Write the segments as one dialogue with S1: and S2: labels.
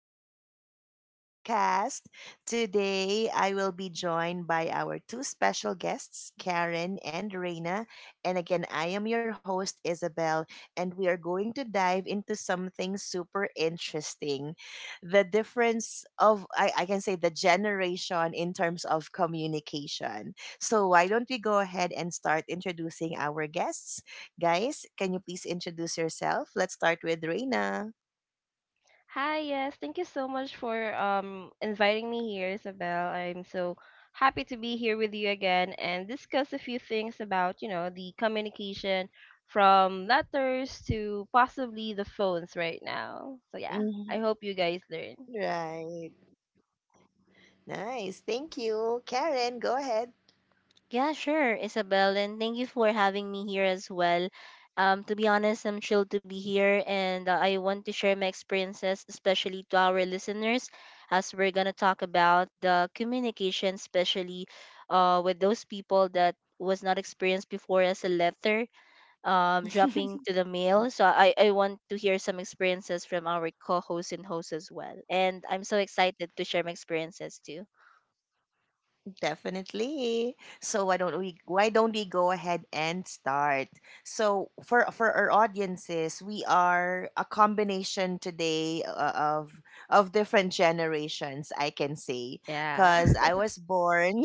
S1: welcome back to our podcast. Today, I will be joined by our two special guests, Karen and Reina. And again, I am your host, Isabel, and we are going to dive into something super interesting, the difference of, I can say, the generation in terms of communication. So, why don't we go ahead and start introducing our guests? Guys, can you please introduce yourself? Let's start with Reina.
S2: Hi, yes. Thank you so much for inviting me here, Isabel. I'm so happy to be here with you again and discuss a few things about the communication from letters to possibly the phones right now. So yeah,
S1: Mm-hmm.
S2: I hope you guys learn.
S1: Right. Nice. Thank you. Karen, go ahead.
S3: Yeah, sure, Isabel, and thank you for having me here as well. To be honest, I'm thrilled to be here, and I want to share my experiences, especially to our listeners, as we're gonna talk about the communication, especially with those people that was not experienced before as a letter dropping to the mail. So I want to hear some experiences from our co-hosts and hosts as well, and I'm so excited to share my experiences too.
S1: Definitely. So why don't we go ahead and start? So for our audiences, we are a combination today, of of different generations, I can say,
S2: Yeah.
S1: cuz I was born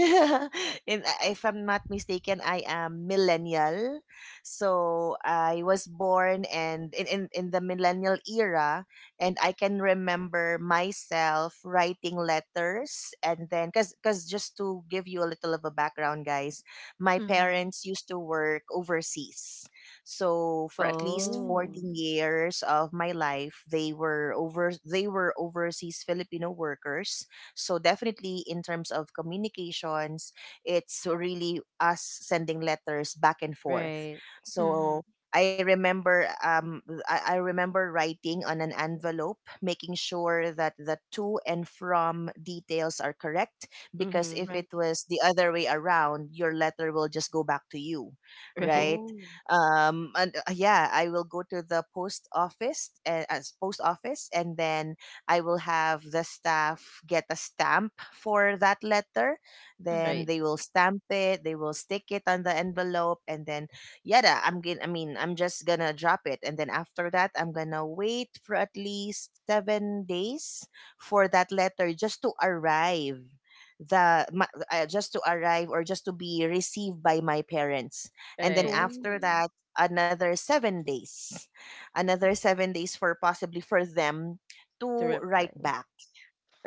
S1: in, if I'm not mistaken, I am millennial. So I was born and in the millennial era, and I can remember myself writing letters, and then cuz just to give you a little of a background, guys, my
S3: Mm-hmm.
S1: parents used to work overseas, so for at least
S2: Oh,
S3: Oh.
S1: 14 years of my life they were overseas Filipino workers. So definitely, in terms of communications, it's really us sending letters back and forth.
S2: right.
S3: Mm-hmm.
S1: So I remember, I remember writing on an envelope, making sure that the to and from details are correct. Because
S2: Mm-hmm.
S1: if it was the other way around, your letter will just go back to you,
S2: Right.
S1: right?
S3: Oh.
S1: And Yeah, I will go to the post office, and then I will have the staff get a stamp for that letter. Then
S2: Right.
S3: Hmm.
S1: they will stamp it. They will stick it on the envelope, and then yeah, da, I'm gonna I mean I'm just gonna drop it, and then after that I'm gonna wait for at least 7 days for that letter just to arrive, just to arrive or just to be received by my parents. And then
S2: Right.
S1: after
S3: Oh.
S1: that, another seven days another 7 days for possibly for them
S2: To
S1: to
S2: reply.
S1: write back.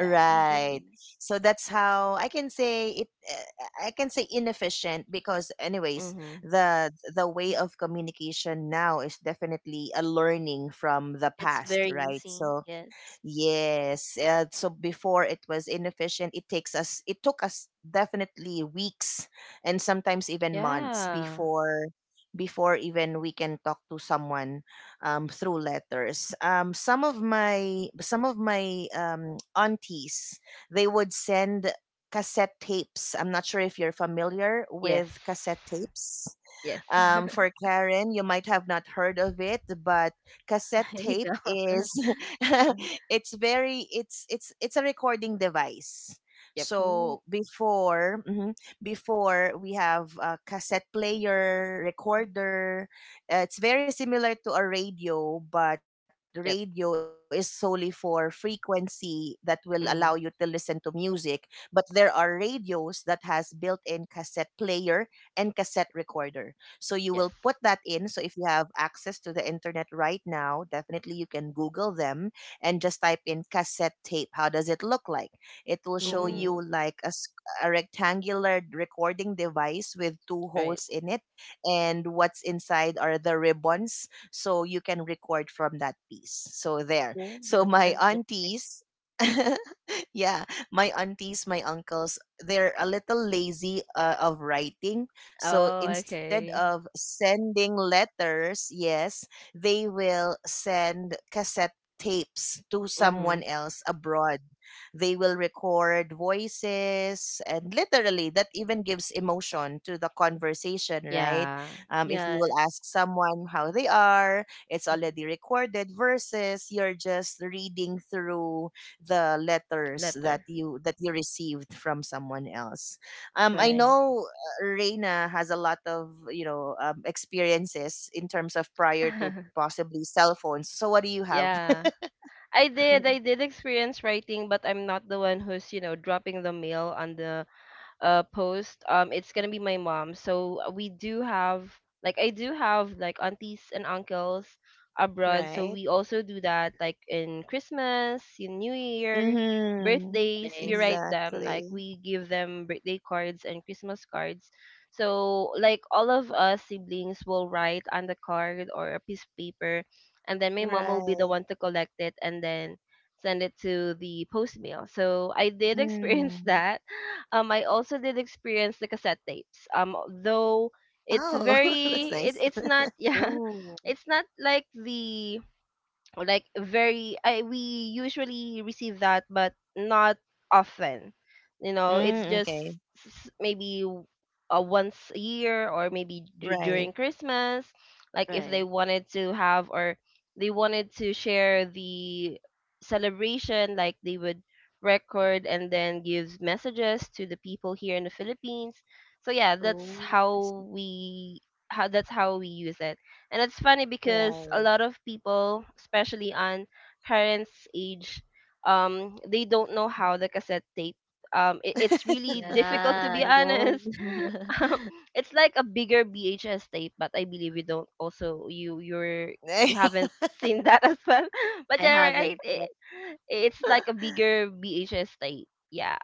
S2: Yeah.
S3: Oh.
S1: So that's how I can say it. I can say inefficient because, anyways,
S2: Mm-hmm.
S1: the way
S3: Mm,
S1: of communication now is definitely a learning from the
S3: It's very
S1: past, right?
S3: easy.
S1: So
S3: Yes.
S1: yes. So before, it was inefficient. It takes us. It took us definitely weeks and sometimes even months
S2: Yeah.
S1: before, before even we can talk to someone through letters. Some of my aunties, they would send cassette tapes. I'm not sure if you're familiar
S2: Yes.
S1: with cassette tapes.
S2: Yes.
S1: For Karen, you might have not heard of it, but cassette
S3: I
S1: tape
S3: know.
S1: is it's very it's a recording device.
S2: Yep.
S3: Oh.
S1: So before, mhm, before we have a cassette player,
S3: Mhm.
S1: recorder. It's very similar to a radio, but radio
S2: Yep.
S1: is solely for frequency that will allow you to
S2: Mm-hmm.
S1: listen to music. But there are radios that has built-in cassette player and cassette recorder. So you will
S2: Yes.
S1: put that in. So if you have access to the internet right now, definitely you can Google them and just type in cassette tape. How does it look like? It will show
S2: Mm-hmm.
S1: you
S3: Oh.
S1: like a, a rectangular recording device with two
S2: Right.
S1: holes in it. And what's inside are the ribbons. So you can record from that piece. So there.
S3: Oh.
S1: So
S3: That's
S1: my
S3: interesting.
S1: aunties. Yeah, my aunties, my uncles, they're a little lazy of writing, so
S2: Oh,
S1: instead of
S2: okay.
S1: sending letters, yes, they will send cassette tapes to
S2: Mm-hmm.
S1: someone else abroad. They will record voices, and literally that even gives emotion to the conversation, right?
S2: Yeah.
S1: If you will
S3: Yes.
S1: ask someone how they are, it's already
S3: Mm-mm.
S1: recorded versus you're just reading through the letters that
S2: Letter.
S1: you received from someone else. I
S3: Right.
S2: Mm-hmm.
S1: know Reina has a lot of experiences in terms of prior to possibly cell phones. So what do you have?
S2: Yeah. I did. I did experience writing, but I'm not the one who's dropping the mail on the post. It's gonna be my mom. So, we do have like aunties and uncles abroad, so
S1: Right.
S2: we also do that, like, in Christmas, in New Year,
S1: Mm-hmm.
S2: birthdays. We
S3: Right.
S2: write them, like,
S1: Exactly.
S2: we give them birthday cards and Christmas cards. So, like, all of us siblings will write on the card or a piece of paper, and then my mom will be the
S1: Right.
S2: one to collect it, and then send it to the post mail. So I did experience
S1: Mm.
S2: that. I also did experience the cassette tapes. Though it's
S1: Oh, that's
S2: very it,
S1: nice.
S2: it's not, yeah,
S3: Oh.
S2: it's not like the, or like very I, we usually receive that, but not often, you know. It's
S3: Hmm.
S1: Mm,
S2: just
S1: okay.
S2: maybe once a year, or maybe during
S1: Right.
S2: Christmas. Like, if they
S3: Right.
S2: wanted to have, or they wanted to share the celebration, like, they would record and then give messages to the people here in the Philippines. So yeah, that's
S3: Oh. I
S2: how
S3: see.
S2: we how that's how we use it. And it's funny because a lot of people, especially on parents' age, they don't know
S3: Mhm.
S2: how the cassette tape. It's really difficult, to
S3: Yeah,
S2: be
S3: I don't.
S2: honest. Um, it's like a bigger VHS tape, but I believe you don't also you you're
S1: Right.
S2: you haven't seen that as well.
S3: I
S2: But yeah,
S3: haven't.
S2: right.
S3: Yep.
S2: It's like a bigger VHS tape. Yeah.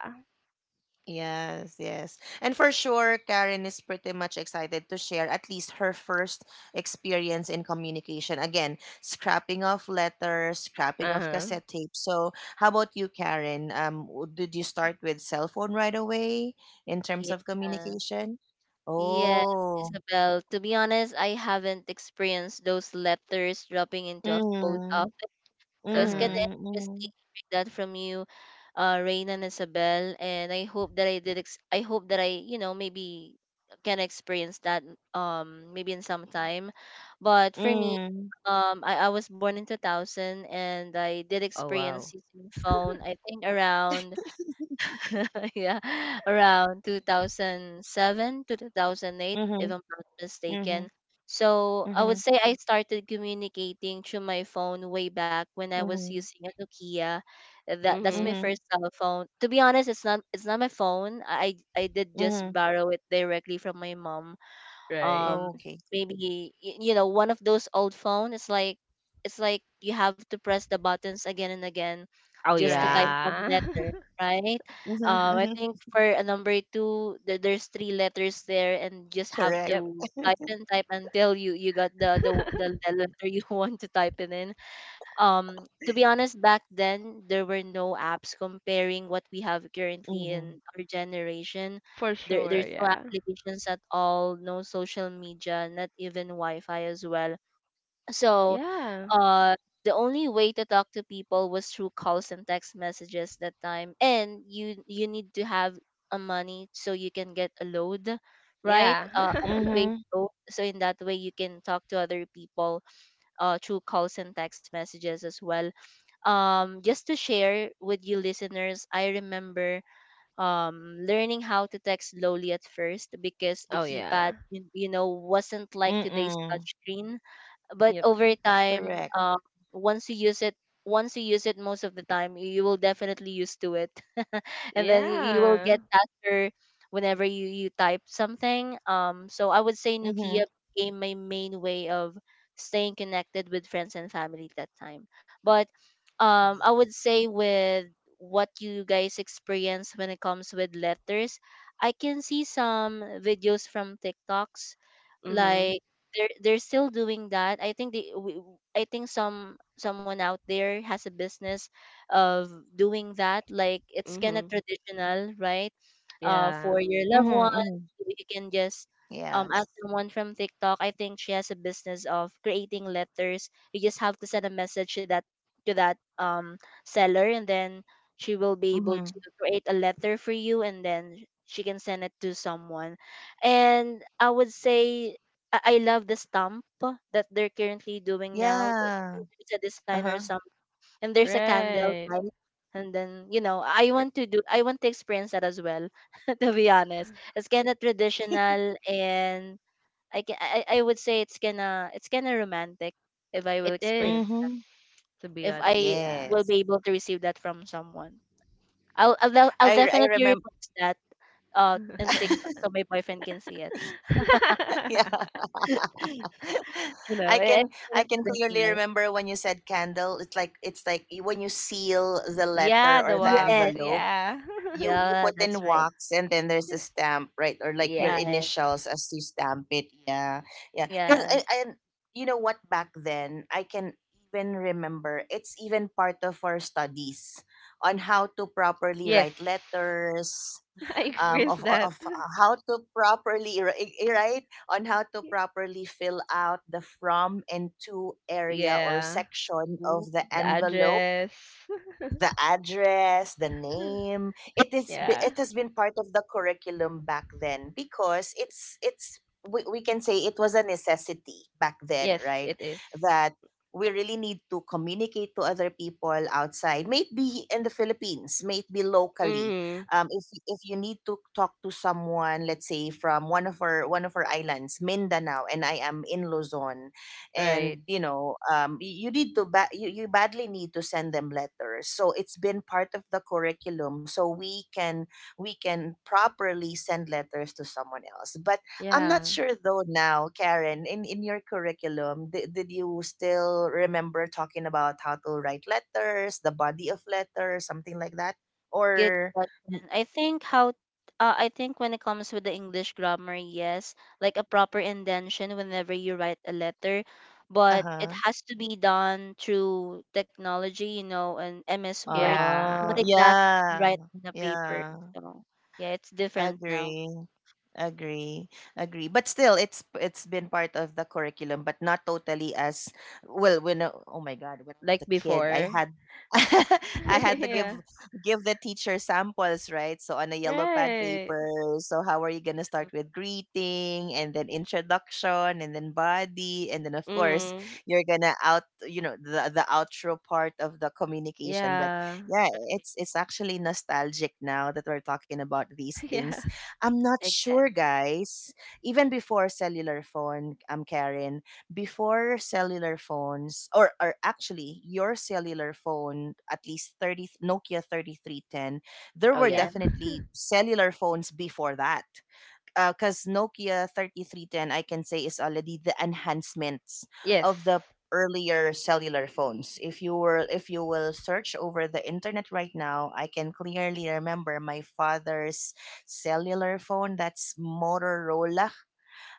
S1: Yes, yes. And for sure, Karen is pretty much excited to share at least her first experience in communication. Again, scrapping off letters, scrapping
S2: Uh
S1: off
S2: huh.
S1: cassette tape. So, how about you, Karen? Did you start with cell phone right away in terms of
S3: Yeah.
S1: communication?
S3: Yeah,
S1: Oh.
S3: Isabel. To be honest, I haven't experienced those letters dropping into a post
S1: Mm.
S3: office. So
S2: Uh
S3: it's kind
S2: huh.
S3: of
S1: Mm-hmm. Mm-hmm.
S3: interesting hearing that from you, Rain and Isabel. And I hope that I did. I hope that I, you know, maybe can experience that. Maybe in some time. But for me,
S1: Mm.
S3: I was born in 2000, and I did
S2: Oh
S3: experience
S2: wow.
S3: using phone. I think around yeah, around 2007 to 2008,
S1: Mm-hmm.
S3: if I'm not
S1: Mm-hmm.
S3: mistaken. So I
S1: Mm-hmm.
S3: would say I started communicating through my phone way back when I was
S1: Mm-hmm.
S3: using a Nokia. That's my
S2: Mhm.
S1: Mm-hmm.
S3: first cell phone. To be honest, it's not my phone. I did just
S1: Mm-hmm.
S3: borrow it directly from my mom.
S2: Right.
S3: um
S1: Okay.
S3: Maybe you know, one of those old phone it's like you have to press the buttons again and again
S2: Oh
S3: just to type
S1: Right.
S3: one
S2: yeah.
S3: letter, right?
S1: Mm-hmm.
S3: I
S1: Mm-hmm.
S3: think for a number two there's three letters there, and just have
S1: Correct.
S2: Yep.
S3: to type and type until you got the the, the, the letter you want to type it in. To be honest, back then there were no apps comparing what we have currently
S1: Mhm.
S3: in our generation.
S2: For
S3: there,
S2: sure,
S3: there's no
S2: yeah.
S3: applications at all, no social media, not even wi-fi as well. So
S2: Yeah.
S3: the only way to talk to people was through calls and text messages that time, and you need to have a money so you can get a load, right?
S2: Yeah.
S3: A
S1: Mhm.
S3: prepaid load, so in that way you can talk to other people through calls and text messages as well. Just to share with you listeners, I remember learning how to text slowly at first because the
S2: Oh
S3: keypad,
S2: yeah.
S3: you know, wasn't like today's
S1: Mm-mm.
S3: touchscreen. But
S2: Yep.
S3: over
S1: Correct.
S3: time, once you use it, once you use it most of the time, you will definitely used to it. And then you will
S2: Yeah.
S3: get faster whenever you type something. So I would say
S1: Mhm.
S3: Nokia became my main way of staying connected with friends and family that time. But
S1: Right.
S3: I would say with what you guys experience when it comes with letters, I can see some videos from TikToks,
S2: Mhm.
S3: like they're still doing that. I think I think someone out there has a business of doing that, like it's kind of
S2: Mhm.
S3: traditional, right?
S2: Yeah.
S3: For your loved
S1: Mhm. Mhm.
S3: ones, you can just
S1: Yes.
S3: ask someone from TikTok. I think she has a business of creating letters. You just have to send a message to that seller, and then she will be
S1: Mhm.
S3: able to create a letter for you, and then she can send it to someone. And I would say I love the stamp that they're currently doing now.
S1: Yeah.
S3: There's a designer, or
S1: Uh-huh.
S3: and there's a candle,
S2: Right.
S3: light, and then you know, I
S1: R-
S3: want to do, I want to experience that as well. To be honest, it's kind of traditional, and I can, I would say it's kinda romantic if I will
S2: It is.
S3: experience,
S1: Mhm.
S2: To be
S3: if
S2: honest,
S3: I
S2: yeah.
S3: will
S1: Yes.
S3: be able to receive that from someone. I'll
S1: I
S3: definitely
S1: remember.
S3: repost that in TikTok so my boyfriend can see it.
S1: Yeah.
S3: You know,
S1: I
S3: it- it's
S1: can, I
S3: kinda
S1: can clearly
S3: traditional.
S1: remember when you said candle. It's like, it's like when you seal the
S2: Yeah,
S1: letter
S2: the
S1: or the
S2: walks,
S3: Yes.
S1: envelope.
S2: yeah.
S1: You
S3: Yeah,
S1: put in
S3: that's right.
S1: wax, and then there's a stamp, right? Or like your
S2: Yes.
S3: Right.
S1: initials, as you stamp it, yeah. Yeah, because I,
S3: Yes.
S1: I you know what, back then I can even remember it's even part of our studies on how to properly
S2: Yes.
S1: write letters,
S2: I
S1: um,
S3: Mm.
S2: experienced
S1: of
S2: that.
S1: how to right, on how to properly fill out the from and to area or
S2: Yeah.
S1: section
S3: Good.
S1: of the
S2: The
S1: envelope,
S2: address.
S1: the address, the name.
S2: Yeah.
S1: It has been part of the curriculum back then, because it's we can say it was a necessity back then,
S2: Yes,
S1: right?
S2: it is.
S1: That we really need to communicate to other people outside, maybe in the Philippines, maybe locally.
S2: Mm,
S1: If you need to talk to someone, let's say from one of our islands, Mindanao, and I am in Luzon,
S2: right.
S1: and you know, you need to you, you badly need to send them letters, so it's been part of the curriculum so we can, we can properly send letters to someone else. But I'm not
S2: Yeah.
S1: sure though now, Karen, in your curriculum, did you still remember talking about how to write letters, the body of letters, something like that,
S3: Good
S1: or,
S3: question. I think when it comes with the English grammar, yes, like a proper indentation whenever you write a letter, but it
S1: uh-huh.
S3: has to be done through technology, you know, and MS Word,
S1: Uh,
S3: not
S2: Yeah.
S3: exactly
S1: yeah,
S3: right on the paper.
S1: yeah,
S3: So yeah, it's different now.
S1: agree. Agree, agree. But still, it's been part of the curriculum, but not totally as well. When I- oh my god, when I was
S2: Like
S1: a kid, I
S2: before.
S1: had I had to
S2: Yeah.
S1: give the teacher samples, right? So on a yellow pad
S2: Right.
S1: paper. So how are you gonna
S3: Yeah,
S1: start with greeting, and then introduction, and then body, and then of course
S2: Mm.
S1: you're gonna out you know the outro part of the communication. But
S2: Yeah.
S1: yeah,
S3: right.
S1: it's actually nostalgic now that we're talking about these
S2: Yeah.
S1: things. I'm not
S3: Exactly.
S1: sure, guys. Even before cellular phone, I'm Karen, before cellular phones, or actually your cellular phone, at least 30, Nokia 3310, there
S2: Oh
S1: were
S3: Yeah.
S2: yeah.
S1: definitely cellular phones before that because Nokia 3310, I can say, is already the enhancements
S2: Yes.
S1: of the earlier cellular phones. If you will search over the internet right now, I can clearly remember my father's cellular phone. That's Motorola.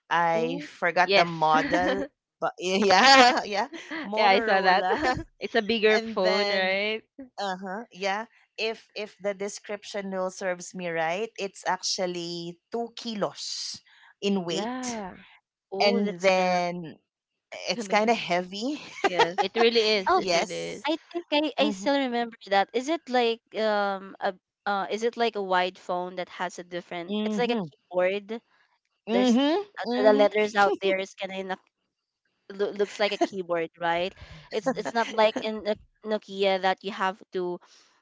S1: I
S3: Oh,
S1: forgot the
S2: Yes.
S1: model, but yeah, yeah,
S2: Yeah, I saw that.
S1: Motorola.
S2: It's a bigger
S1: And
S2: phone,
S1: then
S2: right?
S1: uh-huh. Yeah. If the description rule serves me right, it's actually 2 kilos in weight.
S2: Yeah.
S3: oh,
S1: And
S3: that's gonna
S1: then it's
S3: gonna
S1: kind of
S3: be,
S1: heavy.
S3: yes.
S2: It really is. It really is.
S1: Yes.
S3: I think I
S1: Mm-hmm.
S3: still remember that. Is it like a is it like a wide phone that has a different it's like a
S1: Mm-hmm.
S3: keyboard. There's
S1: Mm-hmm.
S3: the
S1: Mm-hmm.
S3: letters out there is kind of looks like a keyboard, right? It's not like in the Nokia that you have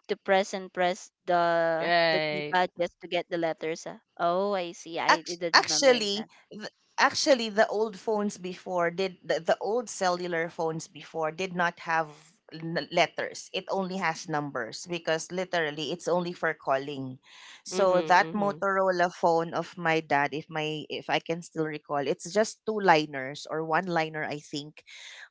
S3: to press and press the
S2: Right.
S3: keypad just to get the letters. Oh, I see. I didn't remember
S1: Actually
S3: that.
S1: actually the old phones before did the old cellular phones before did not have letters, it only has numbers, because literally it's only for calling. So
S3: Mm,
S2: Mhm.
S1: that
S2: Mhm.
S1: Motorola phone of my dad, if my, if I can still recall, it's just two liners or one liner, I think.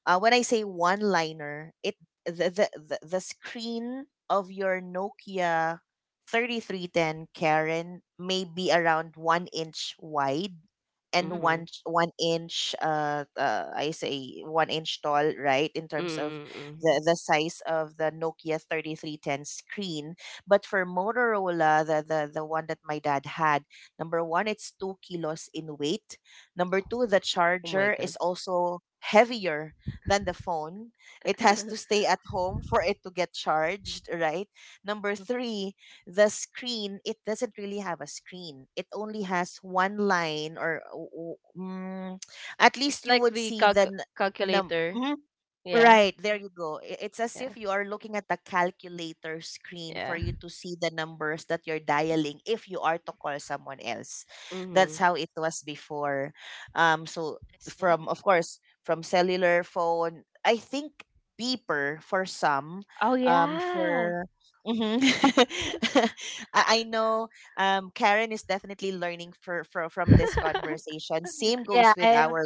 S1: Uh, when I say one liner, it, the screen of your Nokia 3310, Karen, may be around one inch wide and
S3: mm.
S2: Mhm.
S1: one one inch, I say one inch tall, right? In terms of
S2: Mhm. Mhm.
S1: the size of the Nokia 3310 screen. But for Motorola, the one that my dad had, number one, it's 2 kilos in weight. Number two, the
S2: Oh my
S1: charger is
S2: god.
S1: also heavier than the phone. It has to stay at home for it to get charged, right? Number
S3: Mm,
S1: three, the screen, it doesn't really have a screen, it only has one line, or at
S2: It's
S1: least you
S2: like
S1: would
S2: the
S1: see the num-
S2: calculator. Yeah.
S1: right, there you go. I- It's as
S2: Yeah.
S1: if you are looking at the calculator screen for
S2: Yeah.
S1: you to see the numbers that you're dialing if you are to call someone else. That's
S2: Mhm.
S1: how it was before. So
S3: I see.
S1: from, of course, from cellular phone, I think beeper for some.
S2: Oh yeah.
S1: For mhm, I know Karen is definitely learning for from this conversation. Same
S3: Yeah,
S1: goes
S3: I
S1: with
S3: am.
S1: our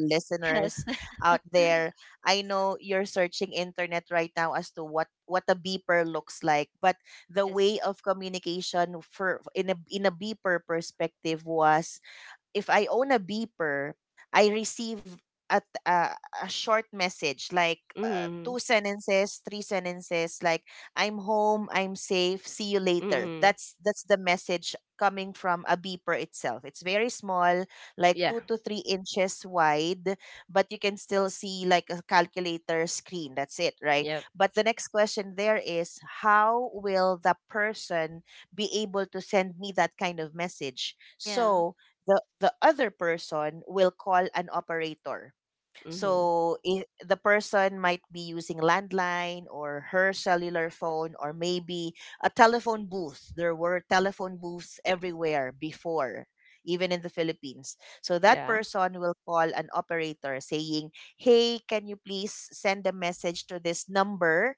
S3: Yes,
S1: listeners out there. I know you're searching internet right now as to what a beeper looks like, but the
S3: yes.
S1: way of communication for, in a, in a beeper perspective was, if I own a beeper, I receive at a, a short message like,
S2: Mhm.
S1: two sentences, three sentences, like I'm home, I'm safe, see you later.
S2: Mhm.
S1: That's the message coming from a beeper itself. It's very small, like
S2: Yeah.
S1: 2 to 3 inches wide, but you can still see like a calculator screen. That's it, right?
S2: Yep.
S1: But the next question there is how will the person be able to send me that kind of message?
S3: Yeah.
S1: So, the other person will call an operator,
S2: Mhm.
S1: so I the person might be using landline or her cellular phone or maybe a telephone booth. There were telephone booths everywhere before, even in the Philippines. So that
S2: Yeah.
S1: person will call an operator saying, "Hey, can you please send a message to this number?"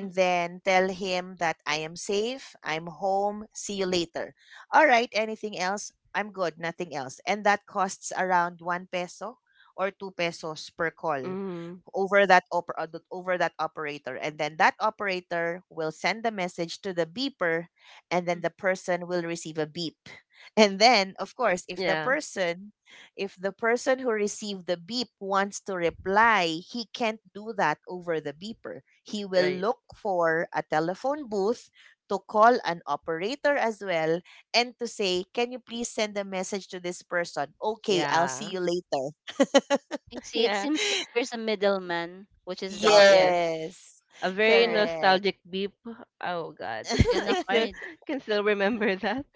S3: Mm,
S1: then tell him that I am safe, I'm home, see you later. All right, anything else? I'm good, nothing else. And that costs around 1 peso or 2 pesos per call
S2: Mhm.
S1: over that over that operator, and then that operator will send a message to the beeper, and then
S3: mm.
S1: the person will receive a beep and then, of course, if the
S2: Yeah.
S1: person, if the person who received the beep wants to reply, he can't do that over the beeper. He will
S2: Right.
S1: look for a telephone booth to call an operator as well and to say, "Can you please send a message to this person? Okay, I'll see
S2: Yeah.
S1: you later."
S3: I see. It
S2: Yeah.
S3: seems like there's a middleman, which is the operator.
S2: Yes.
S1: Yes,
S2: A very
S3: Oh,
S1: correct.
S2: nostalgic beep. Oh god.
S3: it's kind
S2: I
S3: of
S2: still
S3: hard.
S2: can still remember that.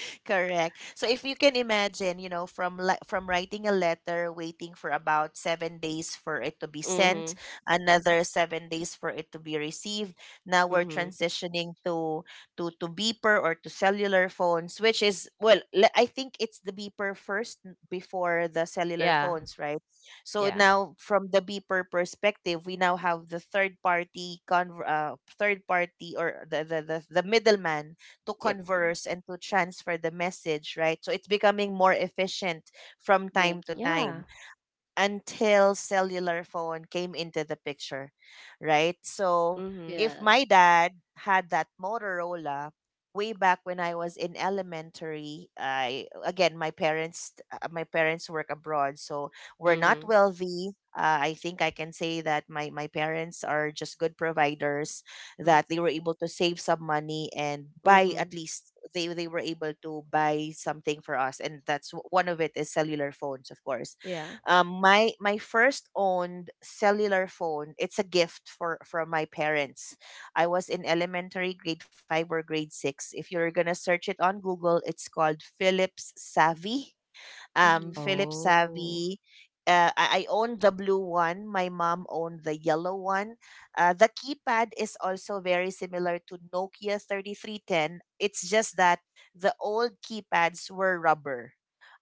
S1: Correct. So if you can imagine, you know, from from writing a letter, waiting for about 7 days for it to be sent,
S2: Mhm.
S1: another 7 days for it to be received. Now we're
S2: Mhm.
S1: transitioning to to beeper or to cellular phones, which is, well, I think it's the beeper first before the cellular
S2: Yeah.
S1: phones, right?
S3: Mhm.
S1: So
S2: Yeah.
S1: now from the beeper perspective, we now have the third party, third party or the middleman to
S2: Yep.
S1: converse and to transfer the message, right? So it's becoming more efficient from
S3: Yeah.
S1: time to
S2: Yeah.
S1: time, until cellular phone came into the picture, right? So
S2: Mhm.
S1: if my
S3: Yes.
S1: dad had that Motorola way back when I was in elementary, I again, my parents, my parents work abroad, so we're not
S2: Mhm.
S1: wealthy. I think I can say that my parents are just good providers,
S3: Mm-hmm.
S1: that they were able to save some money and buy, at
S2: Mhm.
S1: least they were able to buy something for us, and that's one of it is cellular phones, of course.
S2: Yeah.
S1: My first owned cellular phone. It's a gift for from my parents. I was in elementary grade five or grade six. If you're gonna search it on Google, it's called Philips Savvy,
S3: Mm-hmm.
S1: Philips
S2: Oh.
S1: Savvy. I own the blue one. My mom owned the yellow one. The keypad is also very similar to Nokia 3310. It's just that the old keypads were rubber.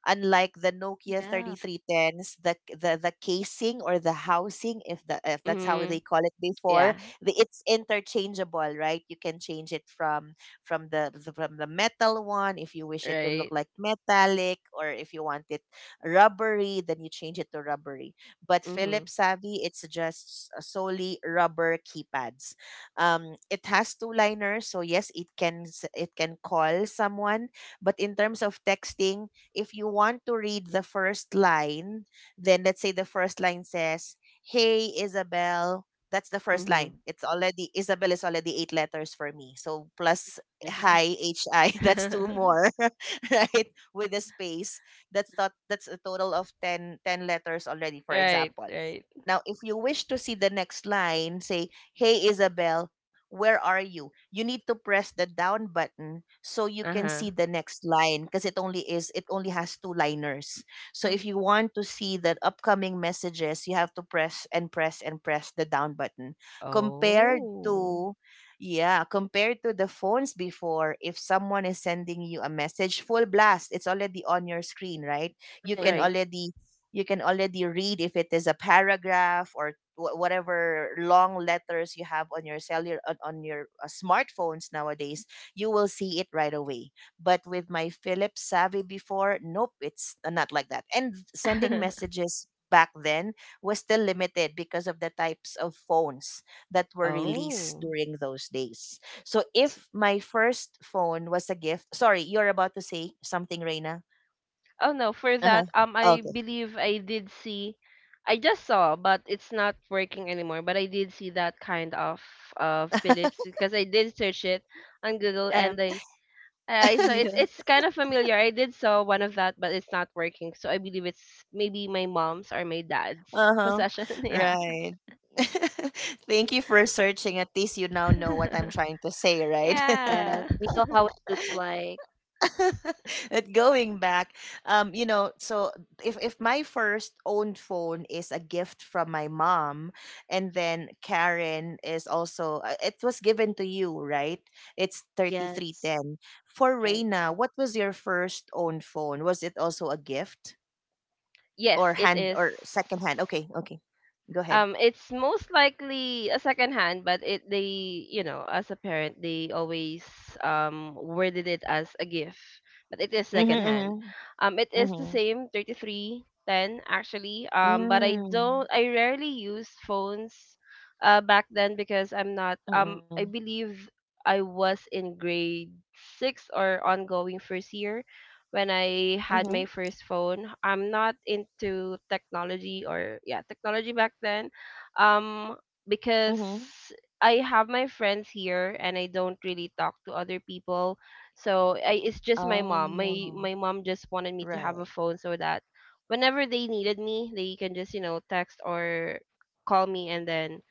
S1: Unlike the Nokia
S3: Yeah.
S1: 3310s, the casing or the housing, if, the if that's how they
S2: Mhm.
S1: call it before,
S2: Yeah.
S1: the, it's interchangeable, right? You can change it from the from the metal one if you wish it to look
S2: Right.
S1: like metallic, or if you want it rubbery, then you change it to rubbery. But
S2: Mhm.
S1: Philips Savvy, it's just solely rubber keypads. It has two liners, so yes, it can call someone, but in terms of texting, if you want to read the first line, then let's say the first line says, "Hey Isabel," that's the first
S2: Mhm.
S1: line. It's already, Isabel is already eight letters for me, so plus
S3: Right.
S1: "hi," "hi" that's two more. Right, with a space, that's not that's a total of 10 10 letters already, for
S2: Right.
S1: example.
S2: Right.
S1: Now, if you wish to see the next line, say, "Hey Isabel, where are you?" You need to press the down button so you can see
S2: Uh-huh.
S1: the next line, because it only has two liners. So if
S3: Mhm.
S1: you want to see the upcoming messages, you have to press and press and press the down button. Compared
S2: Oh,
S1: to, yeah, compared to the phones before, if someone is sending you a message full blast, it's already on your screen, right? You can
S3: Right.
S2: right.
S1: already, you can already read if it is a paragraph or whatever long letters you have on your cellular on your smartphones nowadays. You will see it right away. But with my Philips Savvy before, nope, it's not like that. And sending messages back then was still limited because of the types of phones that were released
S2: Oh.
S1: during those days. So
S3: S-
S1: if my first phone was a gift, sorry, you're about to say something, Reina.
S2: Oh no, for
S1: Uh-huh.
S2: that, I
S1: Okay.
S2: believe I did see, I just saw, but it's not working anymore, but I did see that kind of Philips, because I did search it on Google, and
S3: Um.
S2: I I saw it's
S3: Yeah.
S2: it's kind of familiar. I did saw one of that, but it's not working. So I believe it's maybe my mom's or my dad's
S1: Uh-huh.
S2: possession. Yeah.
S1: Right. Thank you for searching. At least you now know what I'm trying to say, right?
S3: Yes.
S2: Yeah.
S3: We know how it looks like.
S1: But going back, you know, so if my first own phone is a gift from my mom, and then Karen is also, it was given to you, right? It's thirty three
S3: Yes.
S1: ten. For
S3: Right.
S1: Reina, what was your first own phone? Was it also a gift
S2: Yes,
S1: or
S2: it
S1: hand
S2: is.
S1: or second hand? Okay, okay, go ahead.
S2: It's most likely a second hand, but it, they, you know, as a parent they always worded it as a gift, but it is
S1: Mm-hmm,
S2: second hand.
S1: mm-hmm,
S2: It is the
S1: mm-hmm.
S2: same 3310, actually. But I don't
S1: Mm.
S2: I rarely use phones, back then, because I'm not
S1: Mm-mm.
S2: I believe I was in grade six or ongoing first year when I
S1: Mm-hmm.
S2: had my first phone. I'm not into technology, or, yeah, technology back then. Um
S1: Mm-hmm.
S2: because I have my friends here, and I don't really talk to other people. It's just
S1: Oh,
S2: my mom. My
S1: no.
S2: my mom just wanted me to
S1: Right.
S2: have a phone so that whenever they needed me, they can just, you know, text or call me, and then,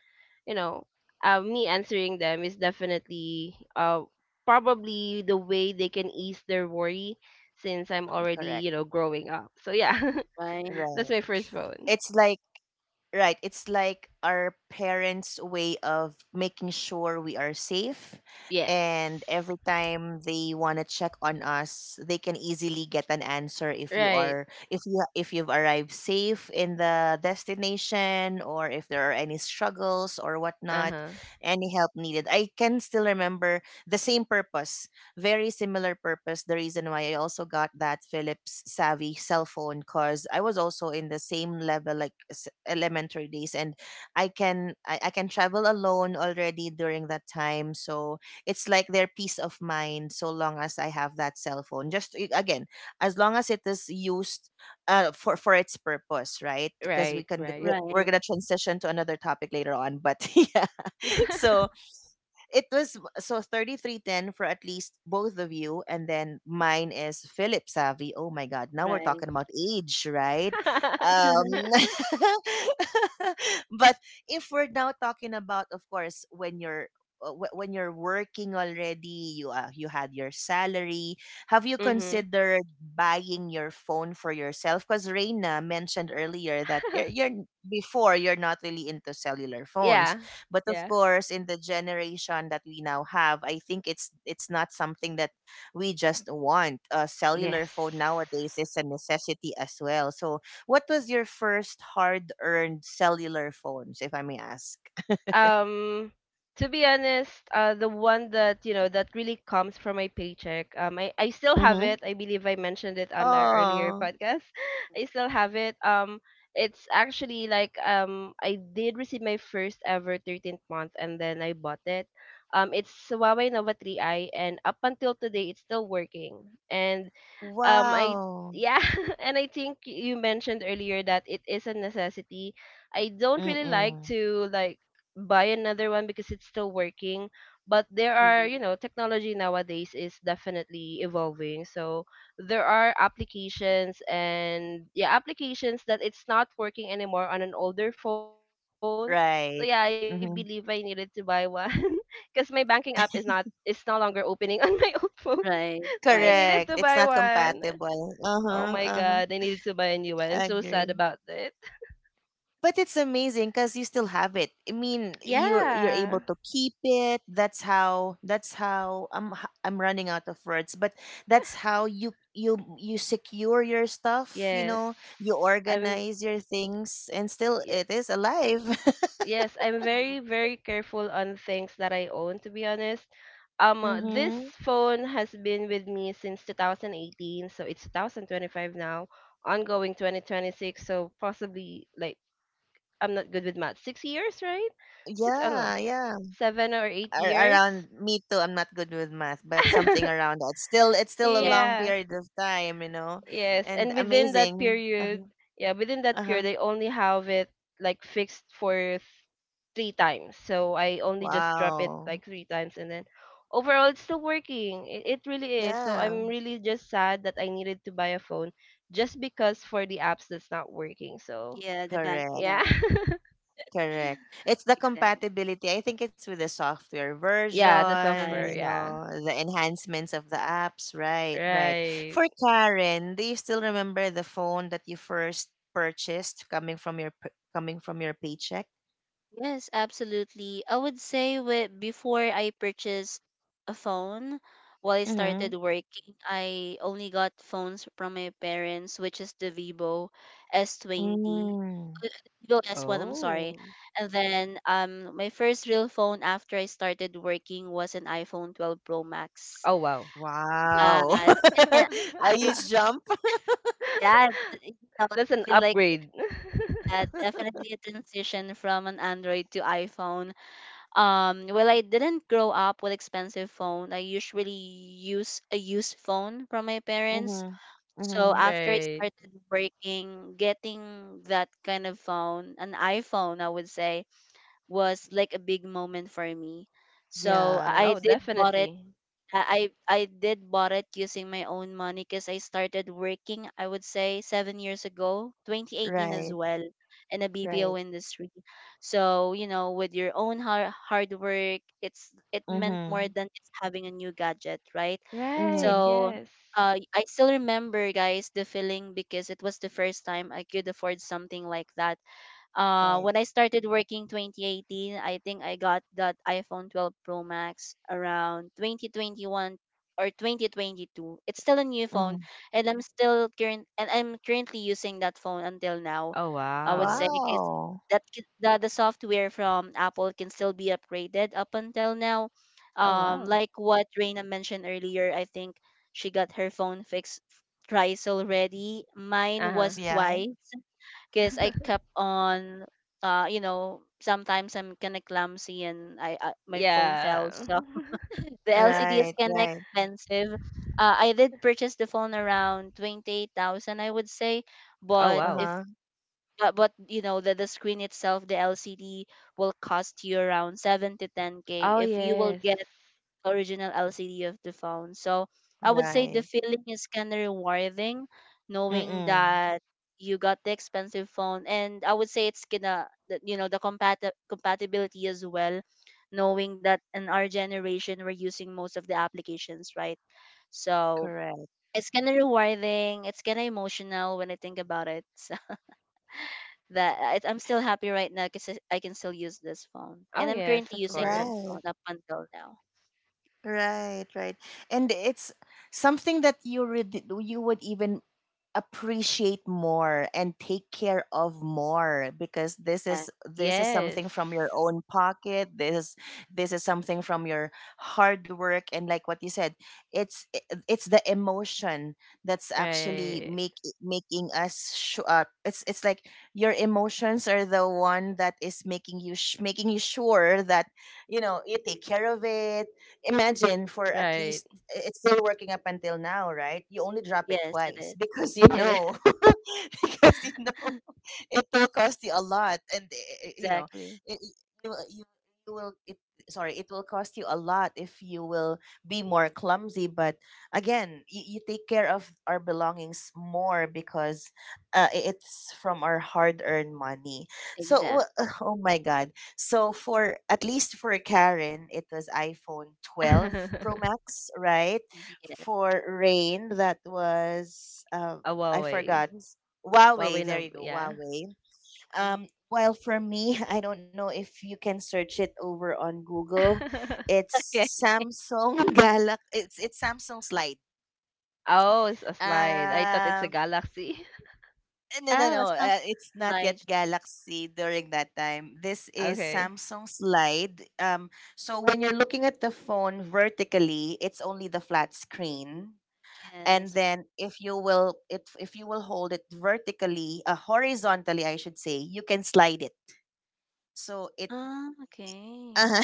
S2: you know, me answering them is definitely probably the way they can ease their worry, since I'm
S3: Mm.
S2: already, you
S1: Correct.
S2: know, growing up. So yeah,
S3: Right.
S1: Right.
S2: that's my first phone.
S1: It's like, right, it's like our parents' way of making sure we are safe,
S2: Yes.
S1: and every time they want to check on us, they can easily get an answer if you
S2: Right.
S1: are if you if you've arrived safe in the destination, or if there are any struggles or
S2: Uh
S1: whatnot,
S2: huh.
S1: any help needed. I can still remember the same purpose. Very similar purpose. The reason why I also got that Philips Savvy cell phone, because I was also in the same level like elementary days, and I can travel alone already during that time. So it's like their peace of mind so long as I have that cell phone. Just again, as long as it is used for its purpose, right? Because we
S2: Right.
S1: can get,
S2: Right.
S1: we're
S3: Right.
S1: gonna transition to another topic later on, but yeah. So it was so 3310 for at least both of you, and then mine is Philip Savvy. Oh my god, now we're
S3: Right.
S1: talking about age, right? Um, but if we're now talking about, of course, when you're when you're working already, you had your salary. Have you
S2: Mhm.
S1: considered buying your phone for yourself? Because Reina mentioned earlier that you're, before, you're not really into cellular phones.
S2: Yeah.
S1: But of
S2: Yeah.
S1: course, in the generation that we now have, I think it's not something that we just want. A
S2: Yes.
S1: cellular phone nowadays is a necessity as well. So, what was your first hard-earned cellular phones, if I may ask?
S2: um to be honest, the one that, you know, that really comes from my paycheck, I still have
S1: Mm-hmm.
S2: it. I believe I mentioned it on our earlier
S1: Oh,
S2: podcast. I still have it. It's actually like, I did receive my first ever 13th month, and then I bought it. It's Huawei Nova 3i, and up until today it's still working. And um i
S1: wow.
S2: yeah, and I think you mentioned earlier that it is a necessity. I don't really like
S1: Mm-mm.
S2: to, like, buy another one, because it's still working. But there are, you
S3: Mhm.
S2: know, technology nowadays is definitely evolving, so there are applications, and, yeah, applications that it's not working anymore on an older phone. So yeah, I believe
S1: Right.
S2: I needed to buy
S1: Mm-hmm.
S2: one. Because my banking app is no longer opening on my old phone,
S3: Right.
S2: so I
S3: Yes.
S2: needed to
S1: Correct.
S2: buy
S1: It's not
S2: one.
S1: compatible. Uh
S2: Oh my
S1: huh. Uh
S2: god, I
S1: huh.
S2: needed to buy a new one. I'm so sad
S1: Agree.
S2: about it.
S1: But it's amazing because you still have it. I mean, you're able
S2: Yeah.
S1: to keep it. That's how, that's how I'm I'm running out of words. But that's how you you you secure your stuff. You
S2: Yes.
S1: know, you
S2: I'm
S1: organize your things, and still
S2: ye-
S1: it is alive.
S2: yes, I'm
S3: Yeah.
S2: very very careful on things that I own, to be honest. This
S1: Mm-hmm.
S2: phone has been with me since 2018, so it's 2025 now, ongoing 2026, so possibly like, I'm not good with math. 6 years, right? 6, oh no,
S1: Yeah, yeah.
S2: 7 or 8 years.
S1: Around me too. I'm not good with math, but something around that. Still, it's still a
S3: Yeah.
S1: long
S2: Yeah.
S1: period of time. You know,
S2: Yes,
S1: and
S2: and within that
S1: amazing. Uh huh.
S2: period, yeah, within that
S1: Uh huh.
S2: period, I only have it like fixed for three times. So I only just drop it
S1: Wow.
S2: like three times, and then overall, it's still working. It really is. So I'm
S1: Yeah.
S2: really just sad that I needed to buy a phone just because for the apps that's not working. So
S3: Yeah. The banking
S1: Correct,
S2: yeah,
S3: app.
S1: correct. It's the
S3: Exactly.
S1: compatibility. I think it's with the software
S2: yeah, the
S1: version,
S2: software,
S3: Right.
S1: you
S2: yeah,
S1: know, the enhancements of the apps. Right, right.
S2: right.
S1: For Karen, do you still remember the phone that you first purchased coming from your coming from your paycheck?
S3: Yes, absolutely. I would say with before I purchased a phone, while I
S1: Mm-hmm.
S3: started working, I only got phones from my parents, which is the Vivo S20.
S1: Mm.
S3: uh, Vivo S1, I'm sorry.
S2: Oh,
S3: And then my first real phone after I started working was an iPhone 12 Pro Max.
S2: oh, wow,
S1: Wow.
S3: And then
S1: A
S3: I
S1: huge jump.
S3: yeah, th- You know,
S2: that's an
S3: it's really like,
S2: upgrade,
S3: definitely a transition from an Android to iPhone. Well, I didn't grow up with expensive phone. I usually use a used phone from my parents.
S1: Mm-hmm.
S3: So
S1: Mm-hmm.
S3: after I
S2: right?
S3: started working, getting that kind of phone, an iPhone, I would say, was like a big moment for me. So I I
S2: Oh,
S1: Yes.
S3: did bought it
S2: definitely.
S3: I I I did bought it using my own money because I started working, I would say, 7 years ago, 2018 as
S1: Right,
S3: well, in the BPO
S1: right.
S3: industry. So, you know, with your own hard, hard work, it's it meant more
S1: Mm-hmm.
S3: than just having a new gadget, right?
S2: Right,
S1: Mm-hmm.
S3: So,
S2: yes.
S3: I still remember, guys, the feeling because it was the first time I could afford something like that.
S1: Right.
S3: When I started working 2018, I think I got that iPhone 12 Pro Max around 2021 or 2022. It's still a new phone,
S1: Mm-hmm.
S3: and I'm currently using that phone until now.
S2: Oh,
S3: I would say
S2: wow.
S3: because
S1: Wow.
S3: the software from Apple can still be upgraded up until now.
S2: Oh, wow.
S3: Like what Reina mentioned earlier, I think she got her phone fixed f- thrice already. Mine
S2: Uh-huh.
S3: was
S1: Yeah.
S3: twice because I kept on, you know, sometimes I'm kind of clumsy and I my phone fell.
S2: Yeah.
S3: So the LCD is
S1: Right,
S3: kind of
S1: right.
S3: expensive. I did purchase the phone around 28,000, I would say,
S2: Oh,
S3: but
S2: wow.
S3: if
S1: Uh-huh.
S3: but, but, you know, the screen itself, the LCD will cost you around 7K to 10K.
S2: Oh,
S3: If you will
S2: yes.
S3: get original LCD of the phone. So I would say the
S1: Right.
S3: feeling is kind of rewarding, knowing
S1: Mm-mm.
S3: that you got the expensive phone, and I would say it's gonna, that, you know, the compatibility as well, knowing that in our generation we're using most of the applications, right? So
S1: Correct.
S3: it's kind of rewarding. It's kind of emotional when I think about it. So that I'm still happy right now because I can still use this phone,
S2: Oh,
S3: and I'm
S2: yes,
S3: currently
S2: of
S3: using that
S2: course.
S1: Right.
S3: phone up until now.
S1: Right, right. And it's something that you would even appreciate more and take care of more, because this
S3: Yeah.
S1: is, this is
S2: Yes.
S1: something from your own pocket. This is something from your hard work, and like what you said, it's the emotion that's actually
S2: Right.
S1: make making us it's like your emotions are the one that is making you making you sure that, you know, you take care of it. Imagine, for at
S2: Right.
S1: least, it's still working up until now, right? You only drop it
S3: Yes, it
S1: twice
S3: is.
S1: because, you
S3: It is.
S1: know, because, you know, it will cost you a lot, and eh, you know,
S3: Exactly.
S1: it, you you you will it. Sorry, it will cost you a lot if you will be more clumsy. But again, you take care of our belongings more, because it's from our hard-earned money. So,
S3: Exactly.
S1: oh my God. So for at least for Karen, it was iPhone
S2: A
S1: 12 Pro Max, right?
S3: Yeah.
S1: For Rain, that was I
S2: Huawei.
S1: forgot. Huawei.
S2: Huawei,
S1: There
S2: no,
S1: you go,
S2: yeah.
S1: Huawei.
S3: Mm.
S1: While for me, I don't know if you can search it over on Google.
S3: Okay.
S1: It's Samsung Galaxy. It's Samsung Slide.
S2: Oh, it's a slide. I thought it's a
S1: Um,
S2: Galaxy.
S1: No, no,
S3: Oh,
S1: no.
S3: some
S1: It's not
S3: life.
S1: yet Galaxy during that time. This is
S2: Okay.
S1: Samsung Slide. So when you're looking at the phone vertically, it's only the flat screen. And
S3: Yes.
S1: then if you will, if you will hold it vertically, horizontally, I should say, you can slide it. So it
S3: Ah, okay.
S1: uh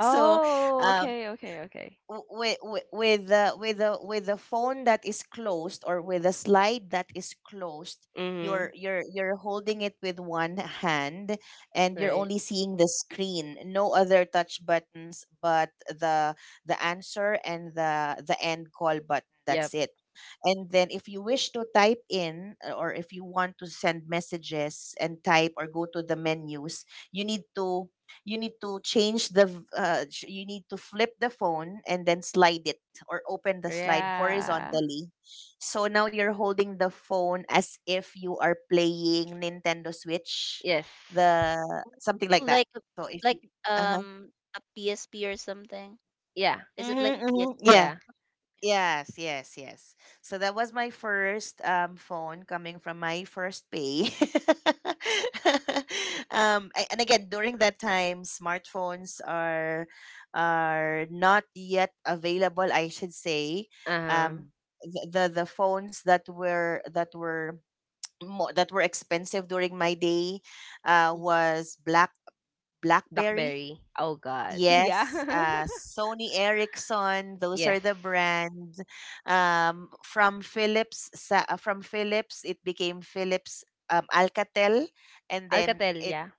S1: so um
S2: okay, okay, okay.
S1: with with the phone that is closed, or with the slide that is closed,
S2: Mm-hmm.
S1: you're holding it with one hand, and you're
S2: Right.
S1: only seeing the screen, no other touch buttons but the answer and the end call button. That's
S2: Yep.
S1: it. And then if you wish to type in or if you want to send messages and type or go to the menus, you need to you need to change you need to flip the phone and then slide it, or open the slide
S2: Yeah.
S1: horizontally. So now you're holding the phone as if you are playing Nintendo Switch,
S2: Yes.
S1: the
S3: Ooh,
S1: something like that.
S3: like
S1: So if
S3: like
S1: you, uh-huh.
S3: a PSP or something.
S2: Yeah.
S3: Is it like
S1: Hmm, hmm,
S3: PSP?
S1: yeah.
S2: Yeah.
S3: Okay.
S1: Yes, yes, yes. So that was my first phone, coming from my first pay. And again, during that time, smartphones are not yet available, I should say.
S2: Uh-huh.
S1: Um the phones that were more, that were expensive during my day
S3: Mm.
S1: was blackberry.
S2: Blackberry. Oh God. Yeah.
S1: Yes, Sony Ericsson, those
S2: Yes.
S1: are the brands. From from Philips, it became Philips Alcatel, and then
S2: Alcatel,
S1: it
S2: yeah.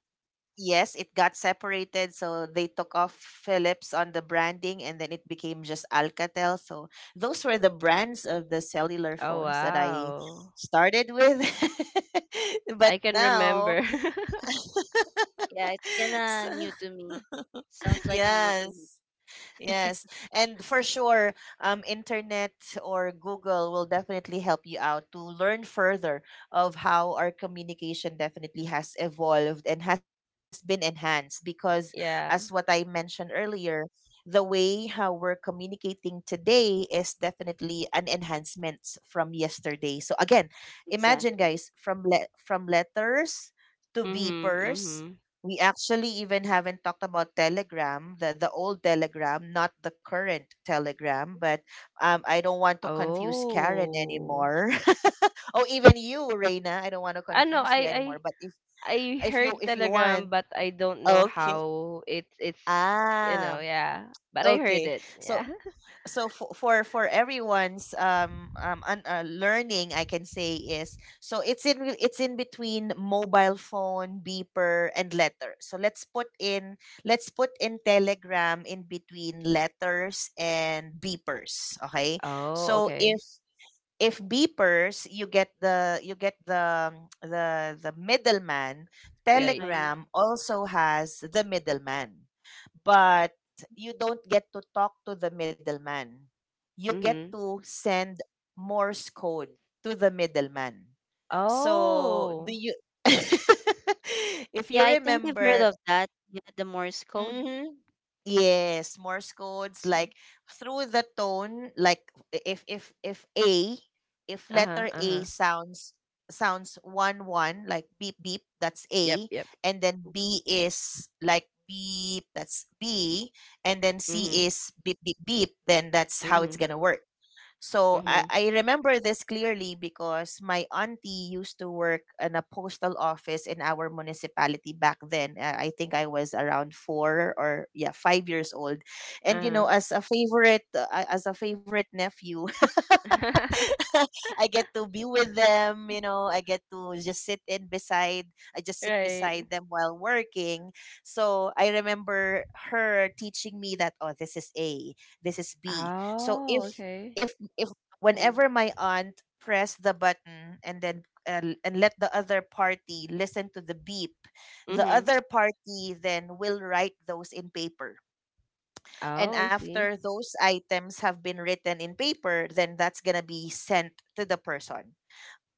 S1: yes, it got separated. So they took off Philips on the branding, and then it became just Alcatel. So those were the brands of the cellular
S2: Oh
S1: phones that I
S2: wow.
S1: started with. But
S2: I can
S1: now,
S2: remember.
S3: Yeah, it's kinda
S1: so,
S3: new to me. Sounds like a new to
S1: yes.
S3: me.
S1: Yes, and for sure, internet or Google will definitely help you out to learn further of how our communication definitely has evolved and has been enhanced. Because, as what I
S2: Yeah.
S1: mentioned earlier, the way how we're communicating today is definitely an enhancement from yesterday. So again, imagine,
S3: Exactly.
S1: guys, from letters to
S2: Mhm.
S1: beepers.
S2: Mhm.
S1: We actually even haven't talked about Telegram, the old Telegram, not the current Telegram, but I don't want to confuse Karen
S2: Oh.
S1: anymore. Oh, even you, Reina, I don't want to
S2: Ano,
S1: confuse
S2: I
S1: you
S2: I
S1: anymore. But
S2: I heard
S1: if you want,
S2: Telegram, but I don't know
S1: okay,
S2: how it's, you
S1: ah,
S2: know, yeah. But I heard
S1: okay.
S2: it.
S1: So
S2: Yeah.
S1: for everyone's learning, I can say is it's in between mobile phone, beeper, and letter. So let's put in telegram in between letters and beepers, okay?
S2: Oh,
S1: So
S2: okay.
S1: if beepers, you get the middleman,
S2: Right.
S3: Right.
S1: telegram also has the middleman, but you don't get to talk to the middleman. You get
S2: Mhm.
S1: to send Morse code to the middleman. So, do
S2: Oh.
S1: you if
S3: Yeah,
S1: you
S3: I think I've heard
S1: remember,
S3: of that. Yeah, the Morse code.
S1: mm-hmm. Yes, Morse codes
S3: See.
S1: like through the tone, like if A, if
S2: Uh-huh.
S1: letter A
S2: Uh-huh.
S1: sounds one one, like beep beep, that's
S2: Yep,
S1: A,
S2: yep.
S1: and then B is like beep, that's B, and then
S2: Mhm.
S1: C is beep beep beep, then that's how it's
S2: Mhm.
S1: gonna work. So
S2: Mhm.
S1: I remember this clearly because my auntie used to work in a postal office in our municipality back then. I think I was around four or yeah, 5 years old. And you
S2: Uh-huh.
S1: know, as a favorite, as a favorite nephew, I get to be with them, you know, I
S3: Mhm.
S1: get to just sit in beside. I just sit
S2: Right.
S1: beside them while working. So I remember her teaching me that, oh, this is A, this is B. So
S2: Oh, okay.
S1: if, if
S3: Oh.
S1: whenever my aunt pressed the button and let the other party listen to the beep, the
S3: Mm,
S2: Mhm.
S1: other party then will write those in paper,
S2: Oh,
S1: and
S2: I
S1: after
S2: see.
S1: those items have been written in paper, then that's going to be sent to the person.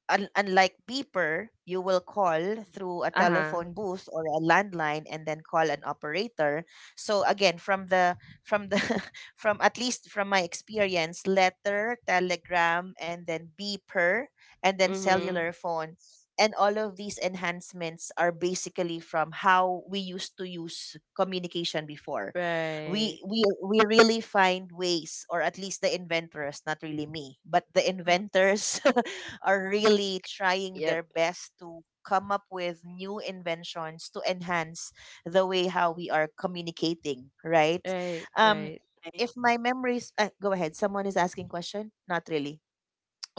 S1: Unlike beeper, you will call through a
S2: Uh-huh.
S1: telephone booth or a landline and then call an operator. So again, from the from at least from my experience, letter, telegram, and then beeper, and then
S2: Mhm.
S1: cellular phone. And all of these enhancements are basically from how we used to use communication before.
S2: Right.
S1: We really find ways, or at least the inventors, not really me, but the
S3: mm.
S1: inventors are really trying
S2: Yep.
S1: their best to come up with new inventions to enhance the way how we are communicating right
S2: Right,
S1: um
S2: right.
S3: Right.
S1: if my memories, go ahead, someone is asking question, not really,